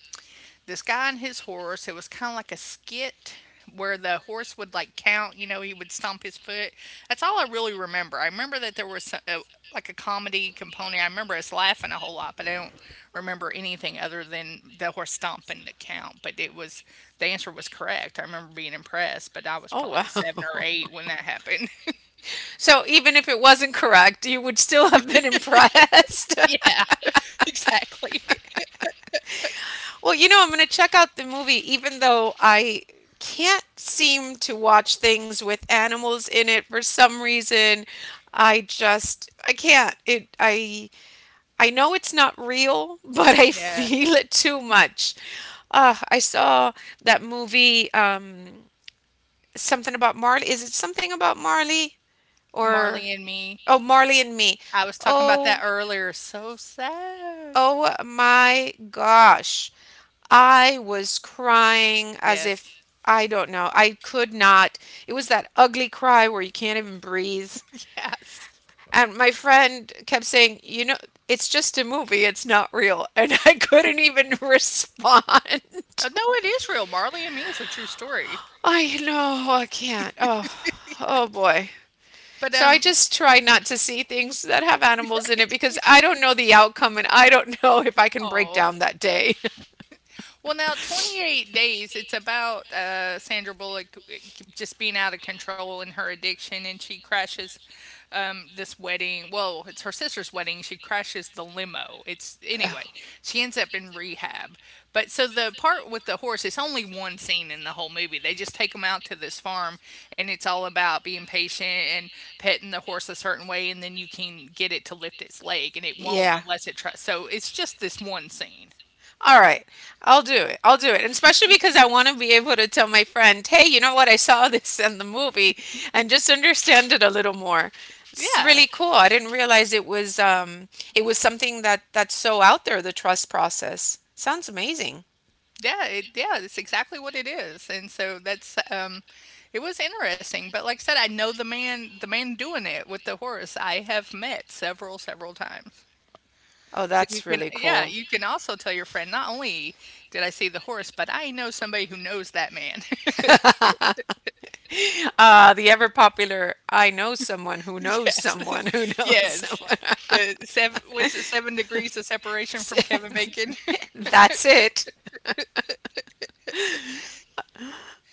Speaker 1: this guy and his horse. It was kind of like a skit where the horse would like count, you know, he would stomp his foot. That's all I really remember. I remember that there was a, like a comedy component. I remember us laughing a whole lot, but I don't remember anything other than the horse stomping to count. But it was the answer was correct. I remember being impressed, but I was
Speaker 2: Oh,
Speaker 1: probably seven or
Speaker 2: wow. (laughs)
Speaker 1: eight when that happened.
Speaker 2: So even if it wasn't correct, you would still have been (laughs) impressed.
Speaker 1: (laughs) Yeah, (laughs) exactly.
Speaker 2: (laughs) Well, I'm going to check out the movie, even though I can't seem to watch things with animals in it for some reason. I can't. It I know it's not real, (laughs) but I
Speaker 1: Yeah,
Speaker 2: feel it too much. Ah, I saw that movie, something about Marley. Is it something about Marley or
Speaker 1: Marley and me.
Speaker 2: oh, Marley and Me?
Speaker 1: I was talking about that
Speaker 2: Oh,
Speaker 1: earlier. So sad.
Speaker 2: oh my gosh. I was crying as
Speaker 1: Yes.
Speaker 2: if I don't know. I could not. It was that ugly cry where you can't even breathe.
Speaker 1: (laughs) Yes.
Speaker 2: And my friend kept saying, "You know, it's just a movie. It's not real." (laughs) And I couldn't even (laughs) respond.
Speaker 1: No, it is real. Marley and Me is a true story.
Speaker 2: I know, I can't. Oh, oh boy.
Speaker 1: But,
Speaker 2: So I just try not to see things that have animals
Speaker 1: (laughs)
Speaker 2: in it
Speaker 1: right.
Speaker 2: because I don't know the outcome and I don't know if I can break
Speaker 1: Oh.
Speaker 2: down that day. (laughs)
Speaker 1: Well, now 28 Days, it's about Sandra Bullock just being out of control in her addiction, and she crashes this wedding. Well, it's her sister's wedding. She crashes the limo. It's anyway, she ends up in rehab. But so the part with the horse, it's only one scene in the whole movie. They just take him out to this farm, and it's all about being patient and petting the horse a certain way, and then you can get it to lift its leg, and it won't
Speaker 2: Yeah.
Speaker 1: unless it tries. So it's just this one scene.
Speaker 2: All right, I'll do it. I'll do it. And especially because I want to be able to tell my friend, hey, you know what? I saw (laughs) this in the movie and just understand it a little more. It's
Speaker 1: Yeah.
Speaker 2: really cool. I didn't realize it was it was something that that's so out there, the trust process. Sounds amazing.
Speaker 1: Yeah, it, yeah, it's exactly what it is. And so that's it was interesting, but like I said, I know the man doing it with the horse I have met several, several times.
Speaker 2: Oh,
Speaker 1: So you
Speaker 2: that's
Speaker 1: can
Speaker 2: really
Speaker 1: yeah,
Speaker 2: cool.
Speaker 1: you can also tell your friend, not only did I see the horse, but I know somebody who knows that man. (laughs)
Speaker 2: (laughs) Ah, the ever popular "I know someone who knows
Speaker 1: Yes.
Speaker 2: someone who
Speaker 1: (laughs)
Speaker 2: knows
Speaker 1: Yes.
Speaker 2: someone."
Speaker 1: The 7 was it 7 degrees of separation from Kevin Bacon?
Speaker 2: (laughs)
Speaker 1: (laughs)
Speaker 2: That's it.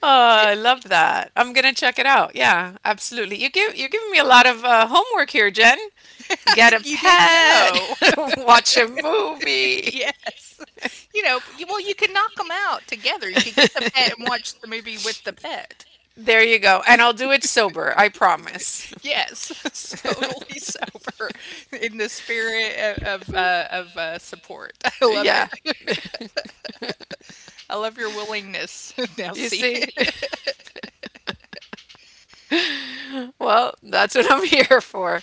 Speaker 2: Oh,
Speaker 1: Yeah,
Speaker 2: I love that. I'm gonna check it out. Yeah, absolutely. You're giving me a lot of homework here, Jen. Get a
Speaker 1: you didn't
Speaker 2: pet,
Speaker 1: know.
Speaker 2: (laughs) watch a movie.
Speaker 1: Yes. (laughs) You know, you well, you can knock them out together. You could get the pet and
Speaker 2: (laughs)
Speaker 1: watch the movie with the pet.
Speaker 2: There you go. And I'll do it sober, I promise.
Speaker 1: Yes, (laughs) totally
Speaker 2: (laughs)
Speaker 1: sober in the spirit of, support. (laughs) I love
Speaker 2: Yeah.
Speaker 1: it.
Speaker 2: (laughs)
Speaker 1: (laughs) I love your willingness, (laughs)
Speaker 2: You
Speaker 1: Nelsie.
Speaker 2: see?
Speaker 1: (laughs)
Speaker 2: (laughs) Well, that's what I'm (laughs) here for.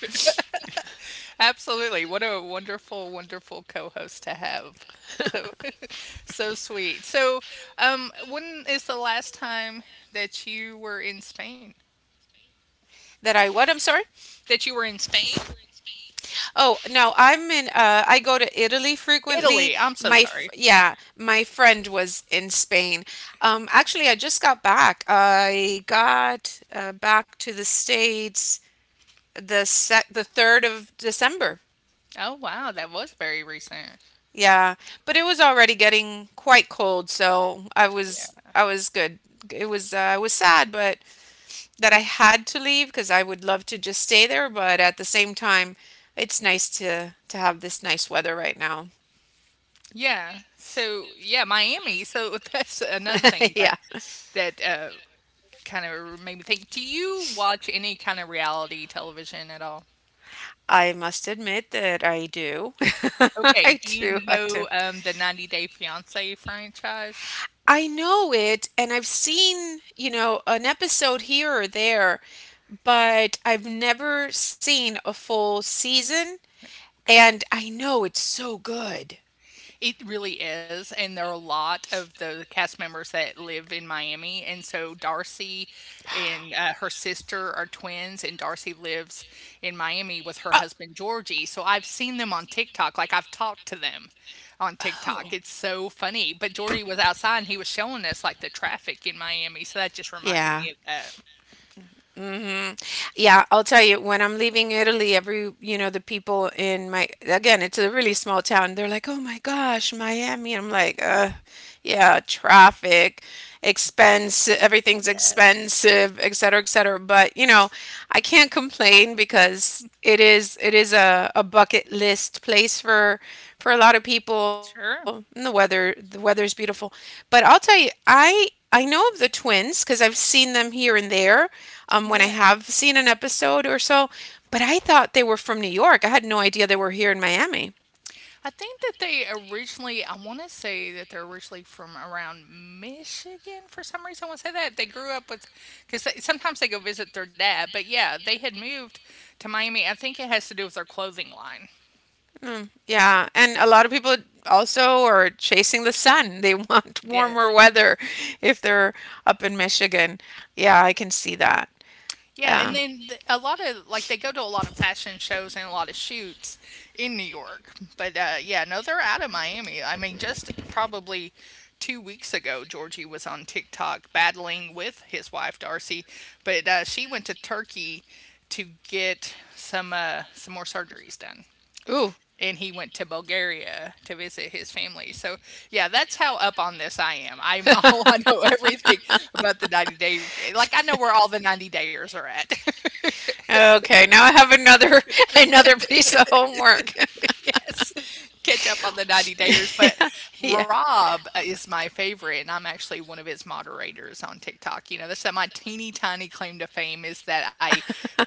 Speaker 1: Absolutely. What a wonderful, wonderful co-host to have. So (laughs) so sweet. So, when is the last time that you were in Spain?
Speaker 2: That I what? I'm sorry?
Speaker 1: That you were in Spain?
Speaker 2: Oh, no, I go to Italy frequently.
Speaker 1: Italy, I'm so sorry.
Speaker 2: Yeah, my friend was in Spain. Actually, I just got back. I got back to the States the 3rd of December.
Speaker 1: Oh, wow, that was very recent.
Speaker 2: Yeah, but it was already getting quite cold, so I was
Speaker 1: Yeah.
Speaker 2: I was good. It was I was sad but that I had to leave because I would love to just stay there, but at the same time it's nice to have this nice weather right now.
Speaker 1: Yeah, so yeah, Miami, so (laughs) that's another
Speaker 2: (laughs)
Speaker 1: thing
Speaker 2: Yeah,
Speaker 1: that that, uh, kind of made me think. Do you watch any kind of reality television at all?
Speaker 2: I must admit that I do. (laughs)
Speaker 1: Okay,
Speaker 2: I
Speaker 1: do you
Speaker 2: do. I do.
Speaker 1: know, the 90 Day Fiancé franchise?
Speaker 2: I know it, and I've seen, an episode here or there, but I've never seen a full season,
Speaker 1: Okay.
Speaker 2: and I know it's so good.
Speaker 1: It really is, and there are a lot of the cast members that live in Miami, and so Darcy and her sister are twins, and Darcy lives in Miami with her
Speaker 2: Uh,
Speaker 1: husband Georgie. So I've seen them on TikTok, like I've talked to them on TikTok.
Speaker 2: oh,
Speaker 1: It's so funny. But Georgie was outside and he was showing us like the traffic in Miami, so that just reminded me
Speaker 2: yeah.
Speaker 1: of that.
Speaker 2: Hmm. Yeah, I'll tell you, when I'm leaving Italy, the people again, it's a really small town. They're like, "Oh my gosh, Miami." I'm like." Yeah, traffic, expense, everything's
Speaker 1: Yes,
Speaker 2: expensive, et cetera, et cetera. But I can't complain because it is a bucket list place for a lot of people. And
Speaker 1: sure.
Speaker 2: the weather's beautiful. But I'll tell you, I know of the twins because I've seen them here and there when I
Speaker 1: Yeah.
Speaker 2: have seen an episode or so. But I thought they were from New York. I had no idea they were here in Miami.
Speaker 1: I think that they originally, I want to say that they're originally from around Michigan for some reason. I want to say that they grew up with, because sometimes they go visit their dad. But yeah, they had moved to Miami. I think it has to do with their clothing line.
Speaker 2: Mm, yeah, and a lot of people also are chasing the sun. They want (laughs) warmer
Speaker 1: Yes.
Speaker 2: weather if they're up in Michigan. Yeah, I can see that.
Speaker 1: Yeah, and
Speaker 2: Yeah.
Speaker 1: then th a lot of like, they go to a lot of fashion shows and a lot of shoots in New York, but, yeah, no, they're out of Miami. I mean, just probably 2 weeks ago, Georgie was on TikTok battling with his wife, Darcy, but, she went to Turkey to get some more surgeries done,
Speaker 2: Ooh.
Speaker 1: and he went to Bulgaria to visit his family. So, yeah, that's how up on this I am. I'm (laughs) all I know everything about the 90-day like, I know where all the 90 dayers are at. (laughs)
Speaker 2: Okay, now I have another (laughs) another piece of homework.
Speaker 1: (laughs) Yes, catch up on the 90 Dayers, but
Speaker 2: (laughs) Yeah.
Speaker 1: Rob is my favorite, and I'm actually one of his moderators on TikTok. You know, that's my teeny tiny claim to fame is that I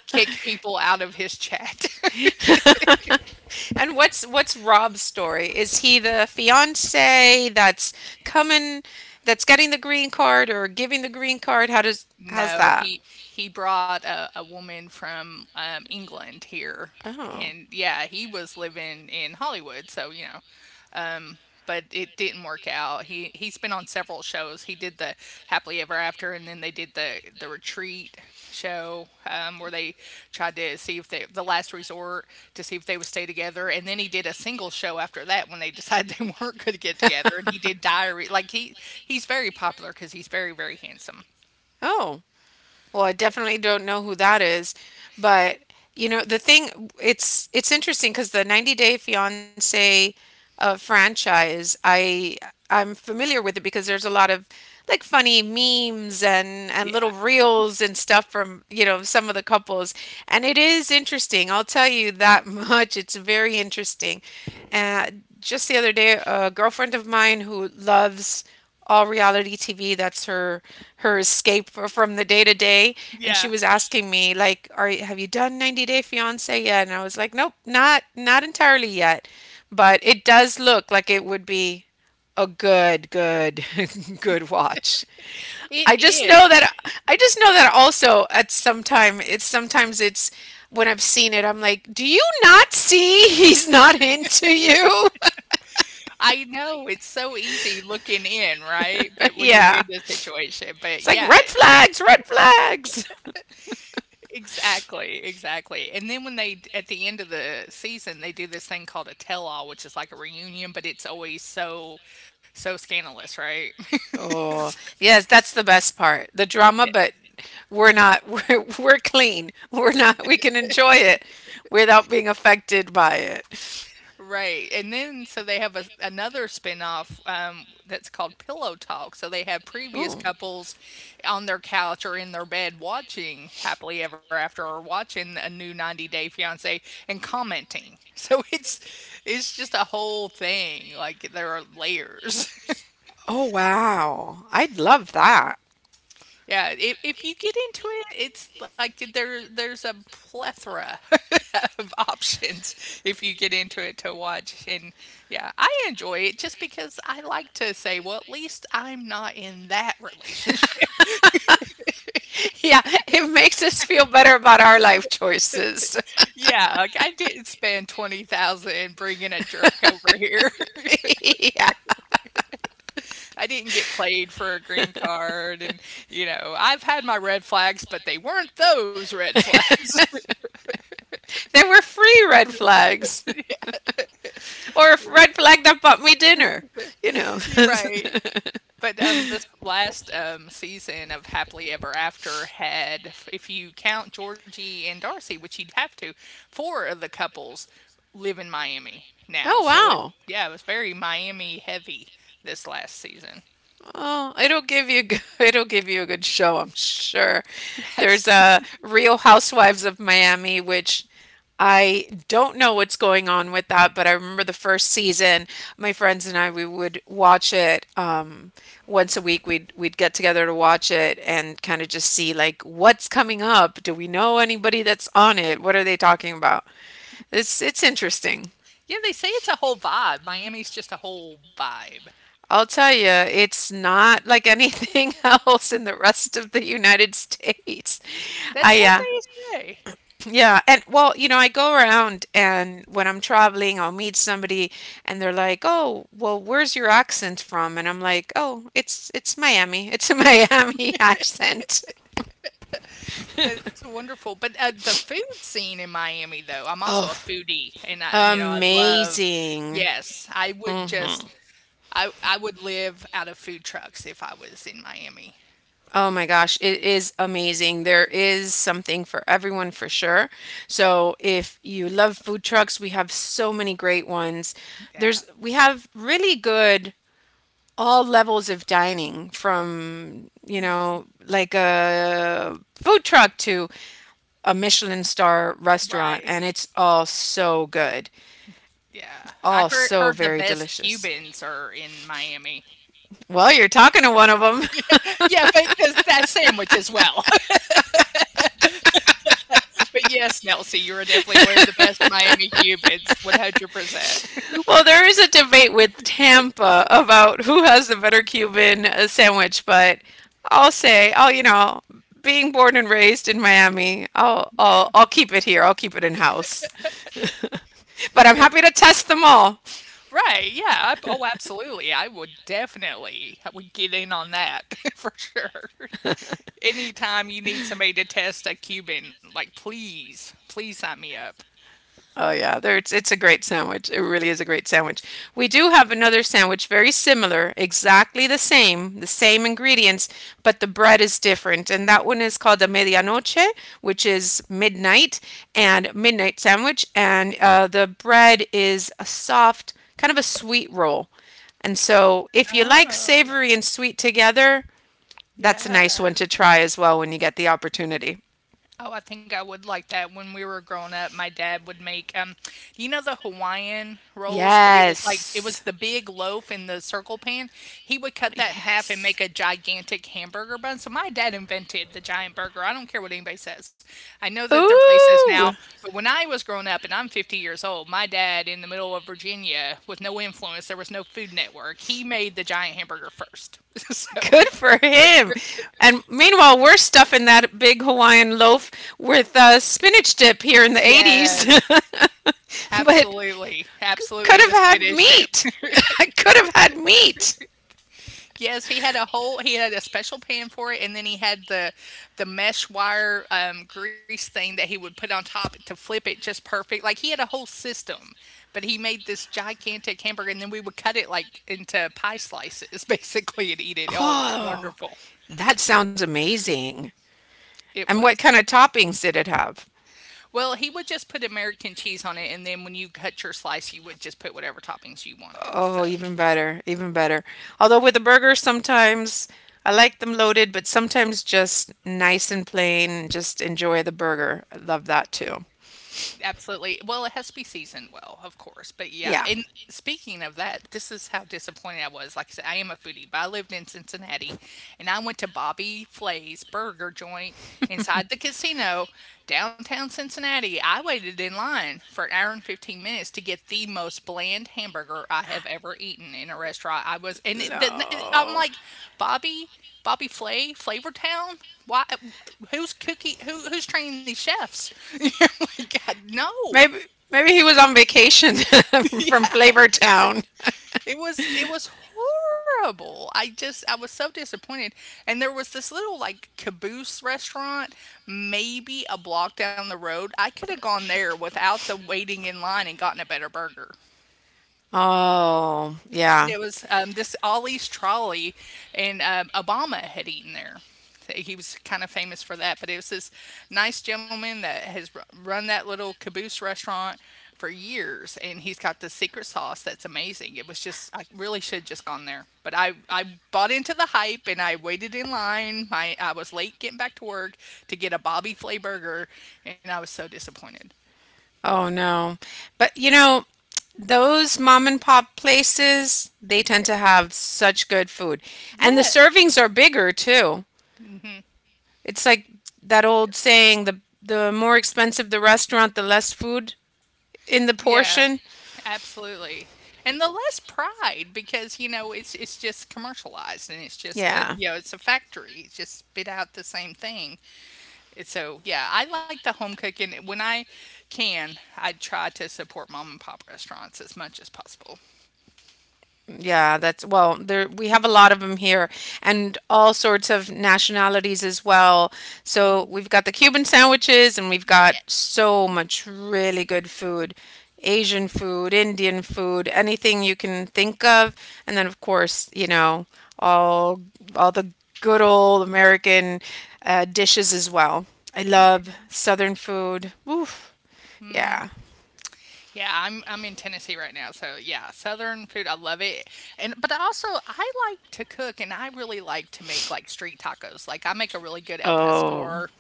Speaker 1: kick people out of his chat. (laughs)
Speaker 2: (laughs) And what's Rob's story? Is he the fiance that's coming, that's getting the green card or giving the green card? How's
Speaker 1: No,
Speaker 2: that?
Speaker 1: he brought a woman from England here,
Speaker 2: Oh,
Speaker 1: and yeah, he was living in Hollywood, so you know, but it didn't work out. He's been on several shows. He did the Happily Ever After, and then they did the Retreat show, where they tried to see if they the Last Resort to see if they would stay together, and then he did a single show after that when they decided they (laughs) weren't going to get together, and he did Diary. Like he's very popular because he's very handsome.
Speaker 2: oh, Well, I definitely don't know who that is, but you know, the thing it's interesting because the 90 Day Fiancé franchise, I'm familiar with it because there's a lot of like funny memes and
Speaker 1: Yeah,
Speaker 2: little reels and stuff from, you know, some of the couples. And it is interesting. I'll tell you that (laughs) much. It's very interesting. Uh, just the other day, a girlfriend of mine who loves all reality TV, that's her escape from the day to day, and she
Speaker 1: yeah,
Speaker 2: was asking me like, "Are have you done 90 Day Fiancé yet?" And I was like, "Nope, not entirely yet." But it does look like it would be Oh, (laughs) good watch.
Speaker 1: it
Speaker 2: I just know
Speaker 1: is.
Speaker 2: that I just know that also at some time it's sometimes it's when I've seen it I'm like, do you not see he's not into you?
Speaker 1: I know it's so easy looking in, right? But when you're
Speaker 2: (laughs)
Speaker 1: in
Speaker 2: Yeah,
Speaker 1: this situation, but
Speaker 2: it's like red
Speaker 1: yeah,
Speaker 2: flags, red flags. (laughs)
Speaker 1: exactly, exactly. And then when they d at the end of the season, they do this thing called a tell-all, which is like a reunion, but it's always so so scandalous, right? (laughs)
Speaker 2: Oh, yes, that's the best part, the drama.
Speaker 1: Yes.
Speaker 2: But we're not (laughs) we're clean. We're not. We can enjoy it without being affected by it.
Speaker 1: Right. And then so they have a another spin-off, that's called Pillow Talk. So they have previous
Speaker 2: Ooh.
Speaker 1: couples on their couch or in their bed watching Happily Ever After or watching a new 90 Day Fiancé and commenting. (laughs) So it's just a whole thing. Like there are layers. (laughs)
Speaker 2: Oh, wow. I'd love that. (laughs)
Speaker 1: Yeah, if you get into it, it's like there's a plethora (laughs) of options if you get into it to watch. And yeah, I enjoy it just because I like to say, well, at least I'm not in that relationship. (laughs)
Speaker 2: Yeah, it makes us feel better about our life choices.
Speaker 1: Yeah, like I didn't spend 20,000 bringing a jerk over here.
Speaker 2: (laughs) Yeah.
Speaker 1: (laughs) I didn't get played for a green card and you know, I've had my red flags, but they weren't those red flags.
Speaker 2: There were free red flags (laughs) or a red flag that bought me dinner, you know.
Speaker 1: (laughs)
Speaker 2: (laughs)
Speaker 1: You're right. But, this last, season of Happily Ever After had f if you count Georgie and Darcy, which you'd have to, 4 of the couples live in Miami now,
Speaker 2: Oh
Speaker 1: so it's
Speaker 2: wow.
Speaker 1: yeah, it was very Miami heavy this last season.
Speaker 2: Oh, it'll give you (laughs) it'll give you a good show, I'm sure.
Speaker 1: (laughs)
Speaker 2: There's
Speaker 1: Yes.
Speaker 2: a Real Housewives of Miami, which I don't know what's going on with that, but I remember the first season, my friends and I, we would watch it once a week. We'd get together to watch it and kind of just see like what's coming up. Do we know anybody that's on it? What are they talking about? It's interesting.
Speaker 1: Yeah, they say it's a whole vibe. Miami's just a whole vibe.
Speaker 2: I'll tell you, it's not like anything (laughs) else in the rest of the United States.
Speaker 1: That's what
Speaker 2: I
Speaker 1: they say.
Speaker 2: Yeah, and well, you know, I go around and when I'm traveling, I'll meet somebody and they're like, "Oh, well, where's your accent from?" And I'm like, "Oh, it's Miami. It's a (laughs) Miami accent."
Speaker 1: That's wonderful, but, the food scene in Miami, though I'm also a
Speaker 2: Oh,
Speaker 1: foodie, and I you know, I love
Speaker 2: amazing.
Speaker 1: yes, I would
Speaker 2: Hmm.
Speaker 1: just I would live out of food trucks if I was in Miami.
Speaker 2: Oh my gosh, it is amazing. There is something for everyone for sure. So, if you love
Speaker 1: Yeah,
Speaker 2: food trucks, we have so many great ones. There's
Speaker 1: yeah.
Speaker 2: we have really good all levels of dining from you know like a food truck to a Michelin star restaurant and
Speaker 1: Right.
Speaker 2: it's all so good,
Speaker 1: Yeah. I
Speaker 2: all so
Speaker 1: heard the
Speaker 2: very
Speaker 1: best
Speaker 2: delicious.
Speaker 1: Cubans are in Miami.
Speaker 2: Well, you're talking to one of them.
Speaker 1: (laughs) Yeah, but th that sandwich as well. (laughs) But yes, Nelsie, you are definitely one of the best Miami Cubans, 100%.
Speaker 2: (laughs) Well, there is a debate with Tampa about who has the better Cuban sandwich, but I'll say oh you know, being born and raised in Miami,
Speaker 1: (laughs)
Speaker 2: i'll
Speaker 1: Yeah.
Speaker 2: i'll, I'll keep it here, I'll keep it in house. (laughs) But I'm
Speaker 1: But
Speaker 2: happy to test them all.
Speaker 1: right, yeah. I oh, absolutely. I would definitely I would get in on that (laughs) for sure. Anytime you need somebody to test a Cuban, like, please, please sign me up.
Speaker 2: Oh yeah, there it's a great sandwich. It really is a great sandwich. We do have another sandwich very similar, exactly the same ingredients, but the bread is different. And that one is called a medianoche, which is midnight and midnight sandwich. And the bread is a soft, kind of a sweet roll. And so if you like
Speaker 1: Oh,
Speaker 2: savory and sweet together, that's a
Speaker 1: yeah.
Speaker 2: nice one to try as well when you get the opportunity.
Speaker 1: Oh, I think I would like that. When we were growing up, my dad would make, you know, the Hawaiian rolls, but it was like it was
Speaker 2: Yes.
Speaker 1: the big loaf in the circle pan. He would cut that in half and make a
Speaker 2: Yes.
Speaker 1: gigantic hamburger bun. So my dad invented the giant burger. I don't care what anybody says. I know that there are places now,
Speaker 2: Ooh.
Speaker 1: but when I was growing up, and I'm 50 years old, my dad in the middle of Virginia with no influence, there was no Food Network. He made the giant hamburger first. (laughs) So
Speaker 2: Good for him. And meanwhile, we're stuffing that big Hawaiian loaf with spinach dip here in the
Speaker 1: yes,
Speaker 2: 80s. (laughs) But
Speaker 1: absolutely, absolutely
Speaker 2: could have
Speaker 1: the
Speaker 2: had
Speaker 1: spinach dip.
Speaker 2: meat.
Speaker 1: (laughs)
Speaker 2: (laughs) I could have had meat.
Speaker 1: Yes, he had a special pan for it, and then he had the mesh wire, grease thing that he would put on top to flip it just perfect. Like, he had a whole system, but he made this gigantic hamburger, and then we would cut it, like, into pie slices (laughs) basically and eat it. Oh, it was
Speaker 2: Oh,
Speaker 1: wonderful.
Speaker 2: that sounds amazing.
Speaker 1: It
Speaker 2: And what
Speaker 1: was.
Speaker 2: kind of toppings did it have?
Speaker 1: Well, he would just put American cheese on it, and then when you cut your slice, you would just put whatever toppings you wanted,
Speaker 2: Oh,
Speaker 1: so
Speaker 2: even better, even better. Although with the burgers, sometimes I like them loaded, but sometimes just nice and plain. Just enjoy the burger. I love that too.
Speaker 1: absolutely. Well, it has to be seasoned well, of course. But yeah,
Speaker 2: Yeah.
Speaker 1: and speaking of that, this is how disappointed I was. Like I said, I am a foodie, but I lived in Cincinnati and I went to Bobby Flay's burger joint inside the casino, downtown Cincinnati. I waited in line for an hour and 15 minutes to get the most bland hamburger I have ever eaten in a restaurant. I was, and it, the, I'm
Speaker 2: No.
Speaker 1: like, Bobby. Bobby Flay, Flavortown. Why? Who's training these chefs? (laughs) Oh my God, no!
Speaker 2: Maybe maybe he was on vacation (laughs) from Flavor Town.
Speaker 1: It was horrible. I was so disappointed. And there was this little like caboose restaurant, maybe a block down the road. I could have gone there without the waiting in line and gotten a better burger.
Speaker 2: Oh, yeah.
Speaker 1: There was, this Ollie's Trolley, and, Obama had eaten there. He was kind of famous for that, but it was this nice gentleman that has ru run that little caboose restaurant for years, and he's got the secret sauce that's amazing. It was just I really should just gone there, but I bought into the hype, and I waited in line. My I was late getting back to work to get a Bobby Flay burger, and I was so disappointed.
Speaker 2: Oh no. But you know, those mom and pop places, they tend to have such good food. And the
Speaker 1: Yes.
Speaker 2: servings are bigger too. It's like that old
Speaker 1: Yes.
Speaker 2: saying, the more expensive the restaurant, the less food in the
Speaker 1: Yeah,
Speaker 2: portion.
Speaker 1: absolutely. And the less pride because, you know, it's just commercialized and it's just,
Speaker 2: Yeah.
Speaker 1: you know, it's a factory. It's just spit out the same thing. And so, yeah, I like the home cooking. When I can, I try to support mom and pop restaurants as much as possible.
Speaker 2: Yeah, that's well, there we have a lot of them here and all sorts of nationalities as well. So we've got the Cuban sandwiches and we've got
Speaker 1: Yes.
Speaker 2: so much really good food. Asian food, Indian food, anything you can think of. And then of course, you know, all all the good old American dishes as well. I love
Speaker 1: Yes.
Speaker 2: Southern food. Oof. Yeah.
Speaker 1: Yeah, I'm in Tennessee right now, so yeah, Southern food, I love it. And but I also I like to cook, and I really like to make like street tacos. Like I make a really good El
Speaker 2: Oh,
Speaker 1: Pastor.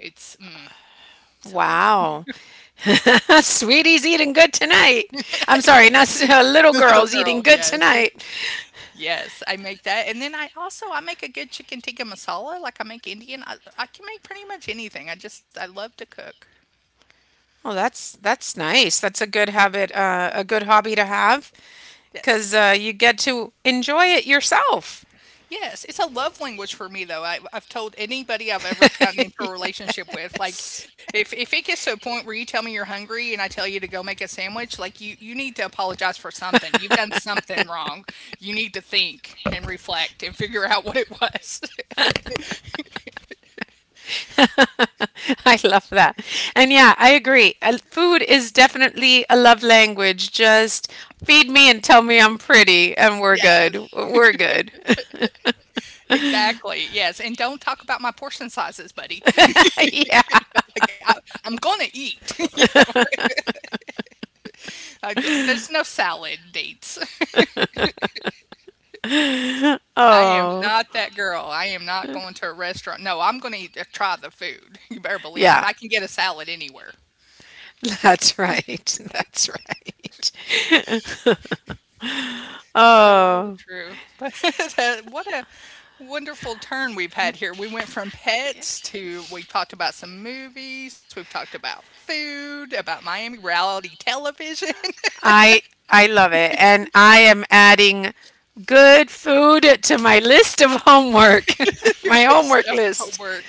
Speaker 1: It's mm, So good.
Speaker 2: wow. (laughs) Sweetie's eating good tonight. I'm sorry, not s- (laughs)
Speaker 1: (laughs)
Speaker 2: little
Speaker 1: Little
Speaker 2: girl's eating
Speaker 1: girl,
Speaker 2: good
Speaker 1: yes.
Speaker 2: tonight.
Speaker 1: Yes, I make that, and then I also I make a good chicken tikka masala, like I make Indian. I can make pretty much anything. I love to cook.
Speaker 2: Well, that's nice. That's a good habit, a good hobby to have because
Speaker 1: Yes.
Speaker 2: you get to enjoy it yourself.
Speaker 1: Yes, it's a love language for me though. I've told anybody I've ever
Speaker 2: (laughs)
Speaker 1: gotten into a relationship with, like
Speaker 2: Yes.
Speaker 1: if it gets to a point where you tell me you're hungry and I tell you to go make a sandwich, like you need to apologize for something. You've done something wrong. You need to think and reflect and figure out (laughs) what it was. (laughs)
Speaker 2: (laughs) I love that. And yeah, I agree. Food is definitely a love language. Just feed me and tell me I'm pretty, and we're
Speaker 1: Yes.
Speaker 2: good. We're good. (laughs)
Speaker 1: Exactly, yes, and don't talk about my portion sizes, buddy. (laughs)
Speaker 2: Yeah.
Speaker 1: Like, I'm gonna eat, (laughs) you know, I d there's no salad dates. (laughs) I am
Speaker 2: Oh,
Speaker 1: not that girl. I am not going to a restaurant. No, I'm gonna eat try the food. (laughs) You better believe I
Speaker 2: yeah.
Speaker 1: can get a salad anywhere.
Speaker 2: That's right. (laughs) That's right. (laughs)
Speaker 1: So
Speaker 2: Oh,
Speaker 1: true, (laughs) but that what a wonderful turn we've had here. We went from pets to we talked about some movies, we've talked about food, about Miami reality television. (laughs)
Speaker 2: I I love it. And I am adding good food to my list of homework.
Speaker 1: (laughs)
Speaker 2: (laughs)
Speaker 1: Your
Speaker 2: My
Speaker 1: list
Speaker 2: homework
Speaker 1: of
Speaker 2: list. (laughs)
Speaker 1: homework.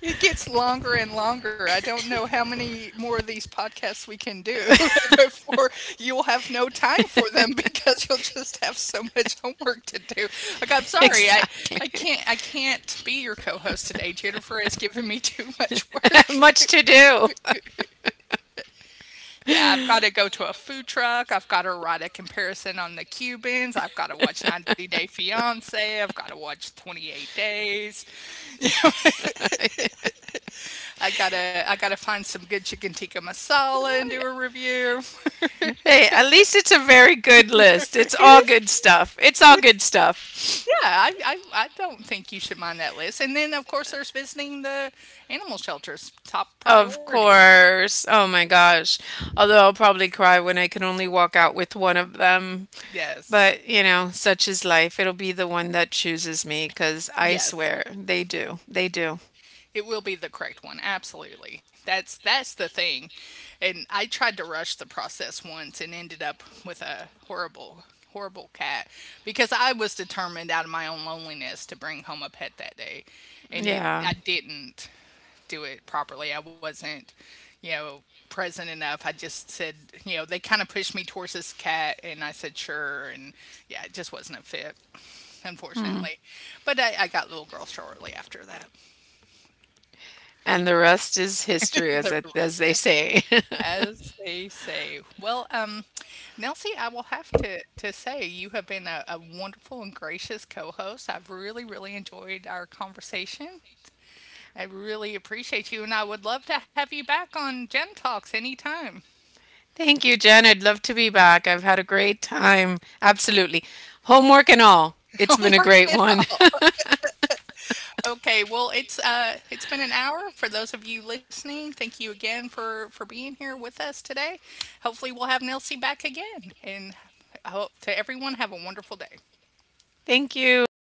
Speaker 1: It gets longer and longer. I don't know how many more of these podcasts we can do (laughs) before you'll have no time for them (laughs) because you'll just have so much homework to do. Like, I'm sorry, I,
Speaker 2: Exactly.
Speaker 1: I can't I can't be your co-host today. Jennifer has given me (laughs) too much work.
Speaker 2: (laughs) Much to do.
Speaker 1: Yeah, I've got to go to a food truck. I've got to write a comparison on the Cubans. I've got to watch
Speaker 2: (laughs)
Speaker 1: 90 Day Fiance. I've got to watch 28 Days. (laughs) I gotta find some good chicken tikka masala and do a review. (laughs)
Speaker 2: Hey, at least it's a very good list. It's all
Speaker 1: It is,
Speaker 2: good stuff. It's all good
Speaker 1: it's,
Speaker 2: stuff.
Speaker 1: Yeah, I don't think you should mind that list. And then of course there's visiting the animal shelters, top
Speaker 2: Of
Speaker 1: priority.
Speaker 2: course. Oh my gosh. Although I'll probably cry when I can only walk out with one of them.
Speaker 1: Yes.
Speaker 2: But, you know, such is life. It'll be the one that chooses me because I swear
Speaker 1: Yes.
Speaker 2: they do. They do.
Speaker 1: It will be the correct one. Absolutely. That's the thing. And I tried to rush the process once and ended up with a horrible cat because I was determined out of my own loneliness to bring home a pet that day. And it
Speaker 2: Yeah.
Speaker 1: I didn't do it properly. I wasn't, you know, present enough. I just said, you know, they kind of pushed me towards this cat and I said sure and yeah, it just wasn't a fit,
Speaker 2: Hmm.
Speaker 1: unfortunately. But I got little girl shortly after that. (laughs)
Speaker 2: And the rest is history, as,
Speaker 1: The
Speaker 2: it, as
Speaker 1: rest
Speaker 2: they say.
Speaker 1: As they say. Well, Nelsie, I will have to say you have been a wonderful and gracious co-host. I've really, really enjoyed our conversation. I really appreciate you, and I would love to have you back on Gen Talks anytime.
Speaker 2: (laughs) Thank you, Jen. I'd love to be back. I've had a great time. Absolutely. Homework and all.
Speaker 1: (laughs)
Speaker 2: It's
Speaker 1: Don't
Speaker 2: been a
Speaker 1: work
Speaker 2: great
Speaker 1: it
Speaker 2: one.
Speaker 1: out. Okay, well, it's been an hour for those of you listening. Thank you again for being here with us today. Hopefully, we'll have Nelsie back again, and I hope to everyone have a wonderful day.
Speaker 2: (laughs) Thank you.